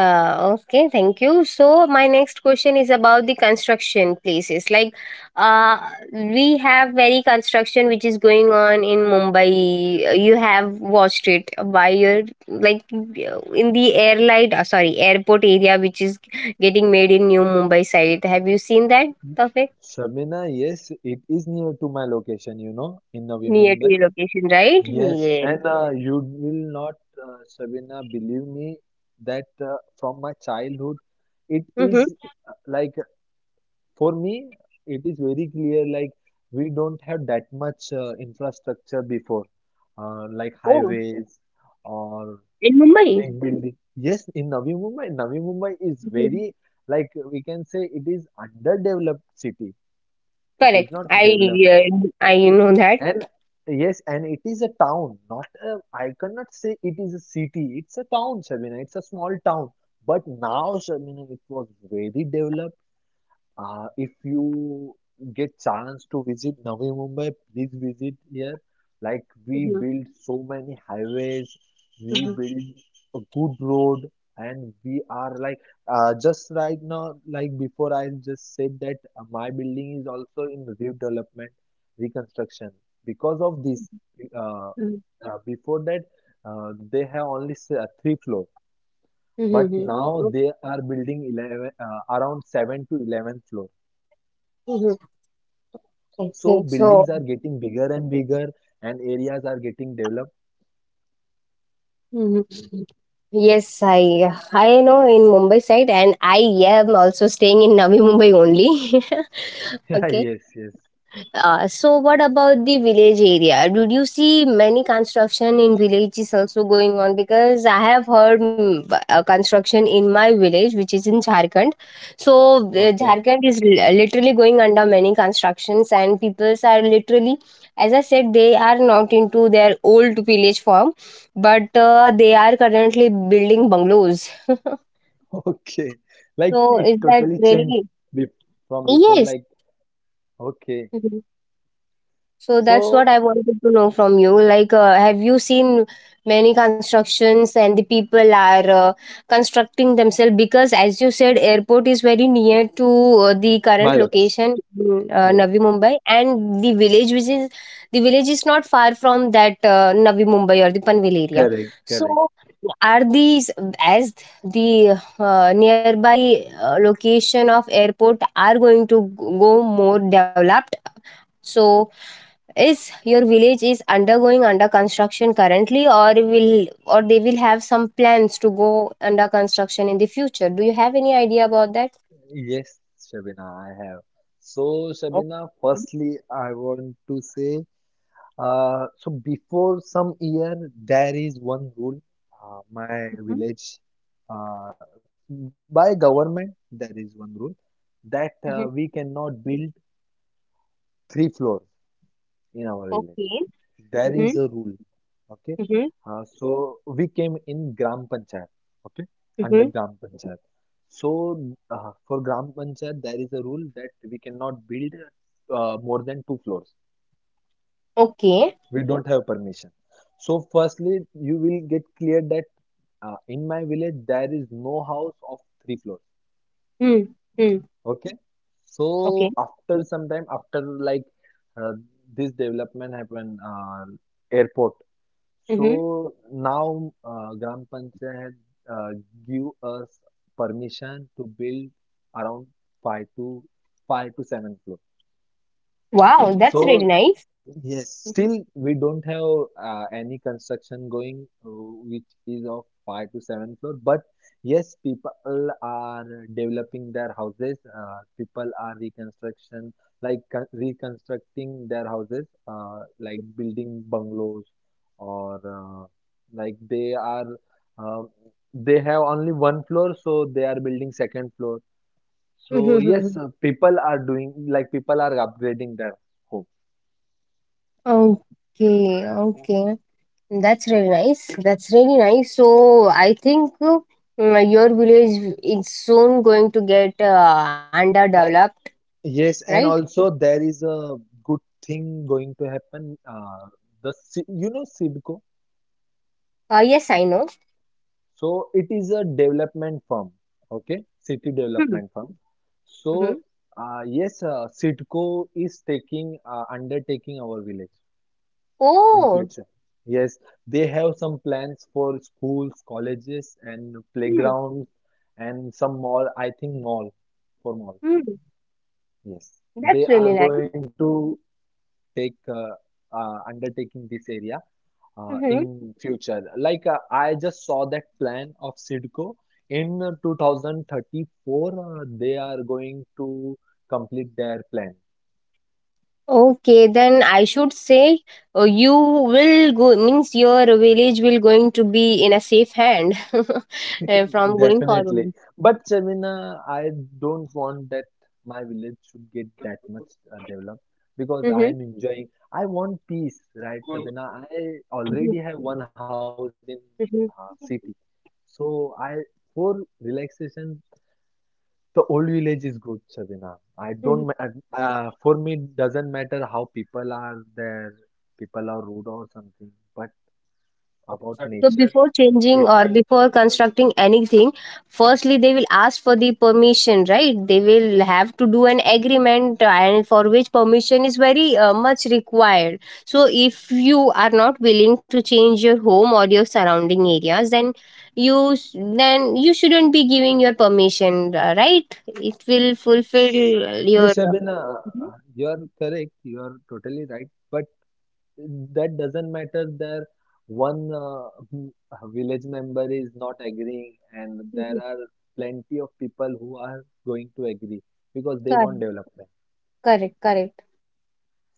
Speaker 1: Okay, thank you. So my next question is about the construction places. Like, uh, we have very construction which is going on in Mumbai. You have watched it by your like in the airlight, sorry, airport area which is getting made in New Mumbai side. Have you seen that, Tawfiq?
Speaker 2: Shabina, yes, it is near to my location, in Navi
Speaker 1: Near to
Speaker 2: Mumbai.
Speaker 1: your location, right?
Speaker 2: Yes,
Speaker 1: Yeah.
Speaker 2: and you will not, Shabina, believe me that from my childhood, it
Speaker 1: Mm-hmm.
Speaker 2: is, uh, like for me, it is very clear, like we don't have that much infrastructure before, like
Speaker 1: Oh,
Speaker 2: highways or
Speaker 1: in Mumbai.
Speaker 2: big building. Yes, in Navi Mumbai, Navi Mumbai is
Speaker 1: Mhm.
Speaker 2: very, like we can say it is underdeveloped city. It is
Speaker 1: Correct.
Speaker 2: not developed.
Speaker 1: I know that.
Speaker 2: And yes, and it is a town, not a, I cannot say it is a city. It's a town, Shabina. It's a small town. But now, Shabina, it was very developed. If you get chance to visit Navi Mumbai, please visit here. Like we
Speaker 1: Mhm.
Speaker 2: build so many highways, we build a good road, and we are like just right now. Like before, I just said that my building is also in redevelopment, reconstruction. Because of this, uh,
Speaker 1: Mhm.
Speaker 2: before that, they have only three floor,
Speaker 1: Mhm,
Speaker 2: but
Speaker 1: mhm.
Speaker 2: now they are building 11, around 7 to 11 floor,
Speaker 1: Mhm.
Speaker 2: so buildings are
Speaker 1: Okay,
Speaker 2: getting
Speaker 1: so
Speaker 2: bigger and bigger, and areas are getting developed.
Speaker 1: mhm. Yes, I know in Mumbai side, and I am also staying in Navi Mumbai only.
Speaker 2: Yeah, yes,
Speaker 1: Okay,
Speaker 2: yes.
Speaker 1: So what about the village area? Did you see many construction in villages also going on? Because I have heard construction in my village, which is in Jharkhand. So
Speaker 2: Okay,
Speaker 1: Jharkhand is li- literally going under many constructions, and peoples are literally, as I said, they are not into their old village form, but they are currently building bungalows.
Speaker 2: okay. Like it
Speaker 1: So is
Speaker 2: totally
Speaker 1: that
Speaker 2: changed
Speaker 1: really
Speaker 2: be from before. Like,
Speaker 1: yes?
Speaker 2: okay.
Speaker 1: Mm-hmm. So that's
Speaker 2: So
Speaker 1: what I wanted to know from you. Like, have you seen many constructions and the people are constructing themselves? Because as you said, airport is very near to the
Speaker 2: my
Speaker 1: current
Speaker 2: location.
Speaker 1: location, in,
Speaker 2: Yes,
Speaker 1: Navi Mumbai, and the village, is not far from that Navi Mumbai or the Panvel area.
Speaker 2: correct, correct.
Speaker 1: So, are these as the nearby location of airport are going to go more developed? So is your village is undergoing under construction currently or will or they will have some plans to go under construction in the future? Do you have any idea about that?
Speaker 2: Yes, Shabina, I have. So, Shabina,
Speaker 1: Okay.
Speaker 2: firstly, I want to say. Before some year, there is one rule, my
Speaker 1: Mhm,
Speaker 2: village, uh, by government, there is one rule that
Speaker 1: mhm.
Speaker 2: we cannot build three floors in our village.
Speaker 1: Okay.
Speaker 2: There is
Speaker 1: Mhm,
Speaker 2: a rule, okay?
Speaker 1: mhm,
Speaker 2: So we came in Gram Panchayat, okay? Under
Speaker 1: mhm.
Speaker 2: Gram Panchayat. So, for Gram Panchayat, there is a rule that we cannot build more than two floors.
Speaker 1: Okay.
Speaker 2: We don't have permission. So firstly you will get clear that in my village there is no house of three floors,
Speaker 1: Mm, mm.
Speaker 2: okay? So
Speaker 1: Okay.
Speaker 2: after some time after, like uh, this development happened, airport. So
Speaker 1: Mhm.
Speaker 2: now gram panchayat uh, give us permission to build around five to five to seven floor.
Speaker 1: Wow, that's really
Speaker 2: So
Speaker 1: nice.
Speaker 2: yes, still
Speaker 1: Mhm,
Speaker 2: we don't have any construction going, which is of five to seven floor. But yes, people are developing their houses. People are reconstruction, reconstructing their houses, like building bungalows, or like they are, uh, they have only one floor, so they are building second floor.
Speaker 1: mhm,
Speaker 2: So
Speaker 1: mhm,
Speaker 2: yes,
Speaker 1: mhm.
Speaker 2: people are doing, like people are upgrading their home.
Speaker 1: Okay, okay. That's really nice. That's really nice. So I think your village is soon going to get underdeveloped,
Speaker 2: Yes,
Speaker 1: right?
Speaker 2: and also there is a good thing going to happen. You know Sidco,
Speaker 1: Yes, I know.
Speaker 2: so it is a development firm, okay, city
Speaker 1: Hmm.
Speaker 2: development firm. So
Speaker 1: Hmm.
Speaker 2: yes, Sidco is taking undertaking our village in
Speaker 1: Oh,
Speaker 2: future. Yes, they have some plans for schools, colleges, and
Speaker 1: hmm.
Speaker 2: playgrounds, and some mall. I think mall for mall.
Speaker 1: Hmm.
Speaker 2: Yes, they
Speaker 1: That's
Speaker 2: are
Speaker 1: really nice.
Speaker 2: going to take undertaking this area
Speaker 1: Hmm.
Speaker 2: in future. Like I just saw that plan of Sidco in 2034, they are going to complete their plan.
Speaker 1: Okay, then I should say you will go means your village will going to be in a safe hand from going
Speaker 2: Definitely.
Speaker 1: forward.
Speaker 2: But, Shamina, I don't want that my village should get that much developed, because I
Speaker 1: Hmm.
Speaker 2: am enjoying. I want peace, right, Sabina? I already have one house in city, so I for relaxation. The old village is good, Sabina. I don't,
Speaker 1: Hmm.
Speaker 2: for me, it doesn't matter how people are there, people are rude or something, but about
Speaker 1: So
Speaker 2: nature,
Speaker 1: before changing
Speaker 2: it.
Speaker 1: or before constructing anything, firstly they will ask for the permission, right? They will have to do an agreement, and for which permission is very much required. So if you are not willing to change your home or your surrounding areas, then you s- then you shouldn't be giving your permission, right? It will fulfill
Speaker 2: See,
Speaker 1: your.
Speaker 2: Sabina,
Speaker 1: Mhm.
Speaker 2: you are correct, you are totally right, but that doesn't matter there. One, village member is not agreeing, and
Speaker 1: Mhm.
Speaker 2: there are plenty of people who are going to agree because they
Speaker 1: Correct.
Speaker 2: want development.
Speaker 1: Correct. Correct.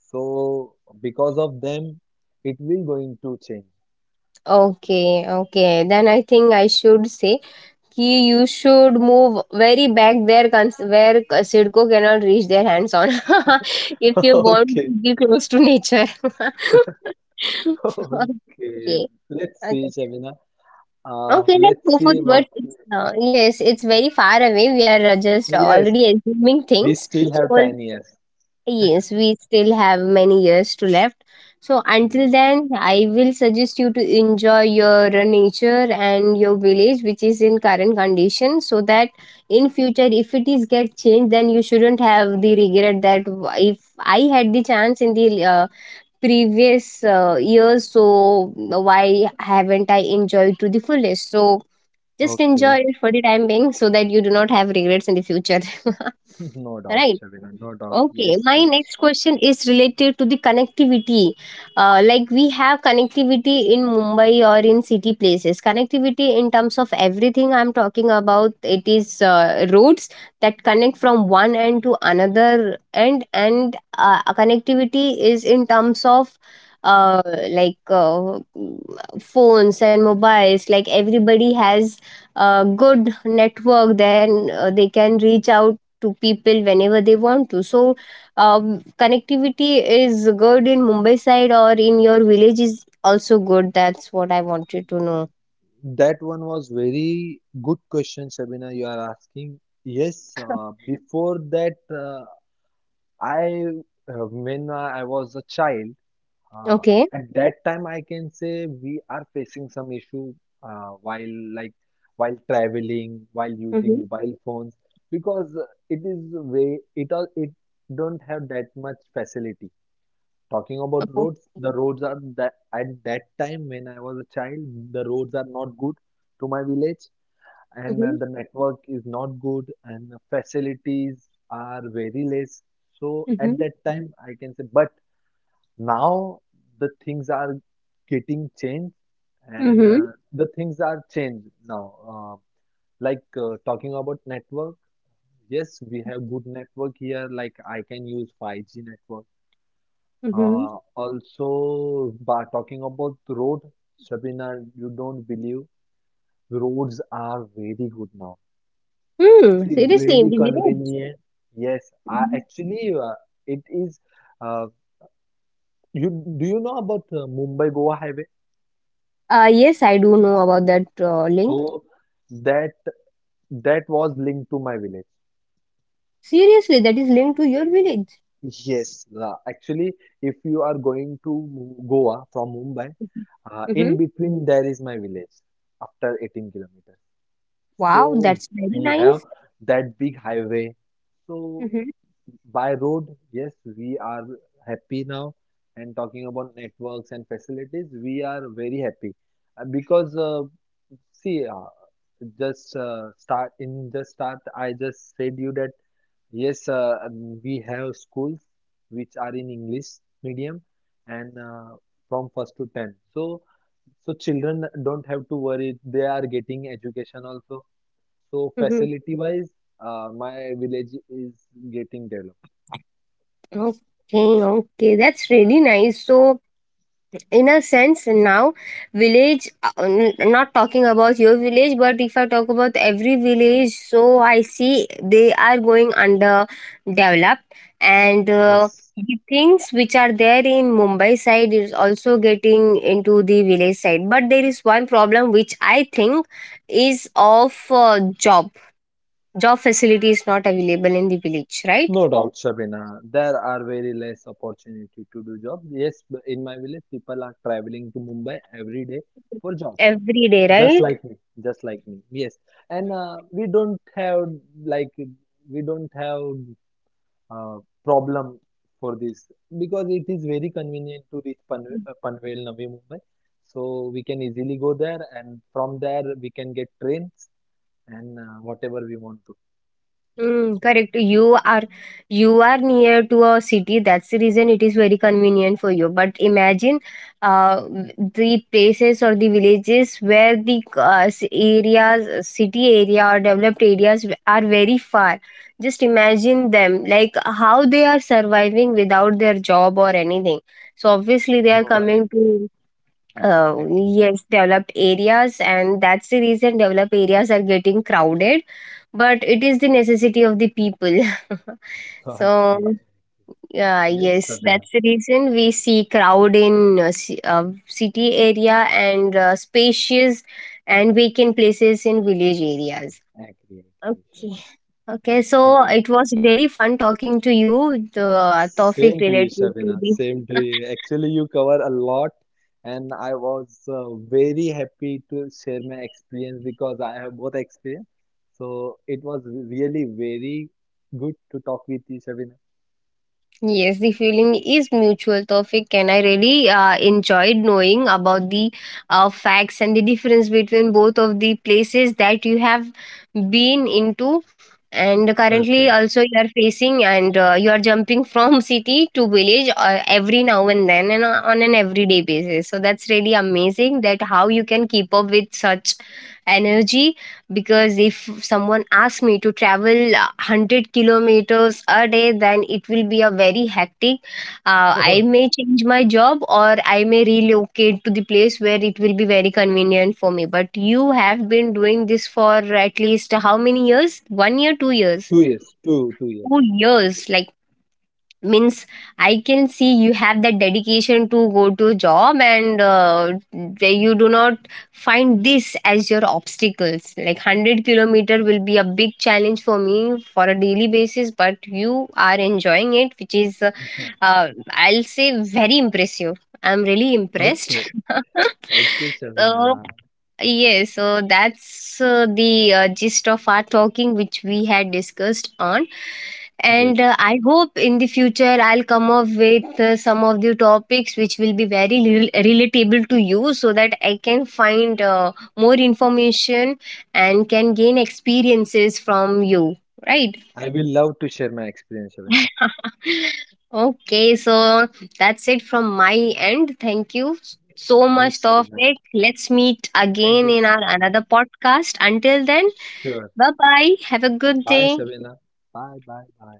Speaker 2: So because of them, it will going to change.
Speaker 1: Okay. Okay. Then I think I should say Ki you should move very back there Sidco cannot reach their hands on if you want to
Speaker 2: Okay.
Speaker 1: be close to nature.
Speaker 2: Okay,
Speaker 1: Okay,
Speaker 2: let's see,
Speaker 1: okay,
Speaker 2: Shabina.
Speaker 1: okay. Let's
Speaker 2: Let's
Speaker 1: go for
Speaker 2: see
Speaker 1: the
Speaker 2: what.
Speaker 1: word. It's, yes, it's very far away. We are just
Speaker 2: Yes,
Speaker 1: already assuming
Speaker 2: we
Speaker 1: things.
Speaker 2: still have
Speaker 1: So
Speaker 2: 10 years.
Speaker 1: yes, we still have many years to left. So until
Speaker 2: Yes,
Speaker 1: then, I will suggest you to enjoy your nature and your village, which is in current condition, so that in future, if it is get changed, then you shouldn't have the regret that if I had the chance in the previous years, so why haven't I enjoyed to the fullest? So just enjoy
Speaker 2: okay.
Speaker 1: it for the time being, so that you do not have regrets in the future.
Speaker 2: No doubt,
Speaker 1: Right.
Speaker 2: Shabina, no doubt.
Speaker 1: Okay,
Speaker 2: Yes,
Speaker 1: my
Speaker 2: yes.
Speaker 1: next question is related to the connectivity. Like we have connectivity in Mumbai or in city places. Connectivity in terms of everything I'm talking about, it is roads that connect from one end to another end, and connectivity is in terms of uh, like uh, phones and mobiles. Like everybody has a good network, then they can reach out to people whenever they want to. So connectivity is good in Mumbai side or in your village is also good, that's what I wanted to know.
Speaker 2: That one was very good question, Shabina, you are asking. Yes, before that, I when I was a child, Uh,
Speaker 1: Okay.
Speaker 2: at that time, I can say we are facing some issue, while, like while traveling, while using
Speaker 1: Mm-hmm.
Speaker 2: mobile phones, because it is way it all it don't have that much facility. Talking about
Speaker 1: Okay.
Speaker 2: roads, the roads are that at that time when I was a child, the roads are not good to my village, and
Speaker 1: Mm-hmm.
Speaker 2: the network is not good, and the facilities are very less. So at
Speaker 1: Mm-hmm.
Speaker 2: that time, I can say, but now the things are getting changed, and
Speaker 1: Mm-hmm.
Speaker 2: the things are changed now, like talking about network, yes, we have good network here, like I can use 5G network.
Speaker 1: Mm-hmm.
Speaker 2: Also by talking about the road, Shabina, you don't believe, roads are very good now. It
Speaker 1: Hmm.
Speaker 2: is
Speaker 1: Seriously, in
Speaker 2: very
Speaker 1: the village?
Speaker 2: convenient. Yes, I
Speaker 1: Mhm.
Speaker 2: actually, it is, uh, you do you know about Mumbai Goa highway?
Speaker 1: Yes, I do know about that link.
Speaker 2: So that that was linked to my village.
Speaker 1: Seriously, that is linked to your village.
Speaker 2: Yes. Actually, if you are going to Goa from Mumbai,
Speaker 1: Mm-hmm.
Speaker 2: in between there is my village after 18 kilometers.
Speaker 1: Wow,
Speaker 2: So
Speaker 1: that's very
Speaker 2: we have
Speaker 1: nice.
Speaker 2: that big highway. So
Speaker 1: Mm-hmm.
Speaker 2: by road, yes, we are happy now. And talking about networks and facilities, we are very happy. Because see, just, start in just start. I just said you that yes, we have schools which are in English medium and from first to 10. So, so children don't have to worry, they are getting education also. So,
Speaker 1: Mm-hmm.
Speaker 2: facility wise, my village is getting developed.
Speaker 1: Okay, okay, that's really nice. So, in a sense now village not talking about your village, but if I talk about every village, so I see they are going under developed, and
Speaker 2: Yes,
Speaker 1: the things which are there in Mumbai side is also getting into the village side, but there is one problem which I think is of job job facility is not available in the village, right?
Speaker 2: no doubt. South Sabina, there are very less opportunity to do jobs. Yes, in my village, people are traveling to Mumbai every day for job.
Speaker 1: Every day
Speaker 2: just
Speaker 1: right.
Speaker 2: like me just like me, yes, and like we don't have uh, problem for this, because it is very convenient to reach Panvel, Navi Mumbai. So we can easily go there, and from there we can get trains and whatever we want to do.
Speaker 1: Mm, correct. You are near to a city. That's the reason it is very convenient for you. But imagine uh, the places or the villages where the areas, city area or developed areas are very far. Just imagine them, like how they are surviving without their job or anything. So obviously they are
Speaker 2: No, I
Speaker 1: coming
Speaker 2: agree,
Speaker 1: to
Speaker 2: I agree.
Speaker 1: yes developed areas, and that's the reason developed areas are getting crowded, but it is the necessity of the people. So
Speaker 2: Okay,
Speaker 1: yeah,
Speaker 2: yes,
Speaker 1: yes,
Speaker 2: Sadhana,
Speaker 1: that's the reason we see crowd in city area and spacious and vacant places in village areas.
Speaker 2: I agree, I agree,
Speaker 1: Okay,
Speaker 2: Shobana.
Speaker 1: okay, so
Speaker 2: Okay.
Speaker 1: it was really fun talking to you the topic
Speaker 2: Same to you,
Speaker 1: related to
Speaker 2: Shabina.
Speaker 1: the
Speaker 2: Same to you. Actually, you cover a lot, and I was very happy to share my experience because I have both experience. So it was really very good to talk with you, Shabina.
Speaker 1: Yes, the feeling is mutual, Tawfiq, and I really enjoyed knowing about the facts and the difference between both of the places that you have been into. And currently,
Speaker 2: Perfect.
Speaker 1: also, you are facing and you are jumping from city to village every now and then and on an everyday basis. So, that's really amazing that how you can keep up with such energy, because if someone asks me to travel 100 kilometers a day, then it will be a very hectic. I may change my job or I may relocate to the place where it will be very convenient for me, but you have been doing this for at least how many years, one year,
Speaker 2: Okay.
Speaker 1: two
Speaker 2: Two
Speaker 1: years,
Speaker 2: years, Two, 2 years.
Speaker 1: two years? Like means I can see you have that dedication to go to job, and you do not find this as your obstacles. Like 100-kilometer will be a big challenge for me for a daily basis, but you are enjoying it, which is
Speaker 2: Yeah.
Speaker 1: I'll say very impressive. I'm really impressed.
Speaker 2: Okay, okay, Shabina.
Speaker 1: So yes, so that's the gist of our talking, which we had discussed on.
Speaker 2: Yes,
Speaker 1: And I hope in the future I'll come up with some of the topics which will be very relatable to you so that I can find more information and can gain experiences from you, right?
Speaker 2: I will love to share my experience, Shabina.
Speaker 1: Okay, so that's it from my end. Thank you so much,
Speaker 2: Yes, Shabina.
Speaker 1: Tawfiq. Let's meet
Speaker 2: Thank you
Speaker 1: again in our
Speaker 2: so much.
Speaker 1: another podcast. Until then,
Speaker 2: Sure.
Speaker 1: bye bye. Have a good
Speaker 2: Bye,
Speaker 1: day.
Speaker 2: Shabina. Bye, bye, bye.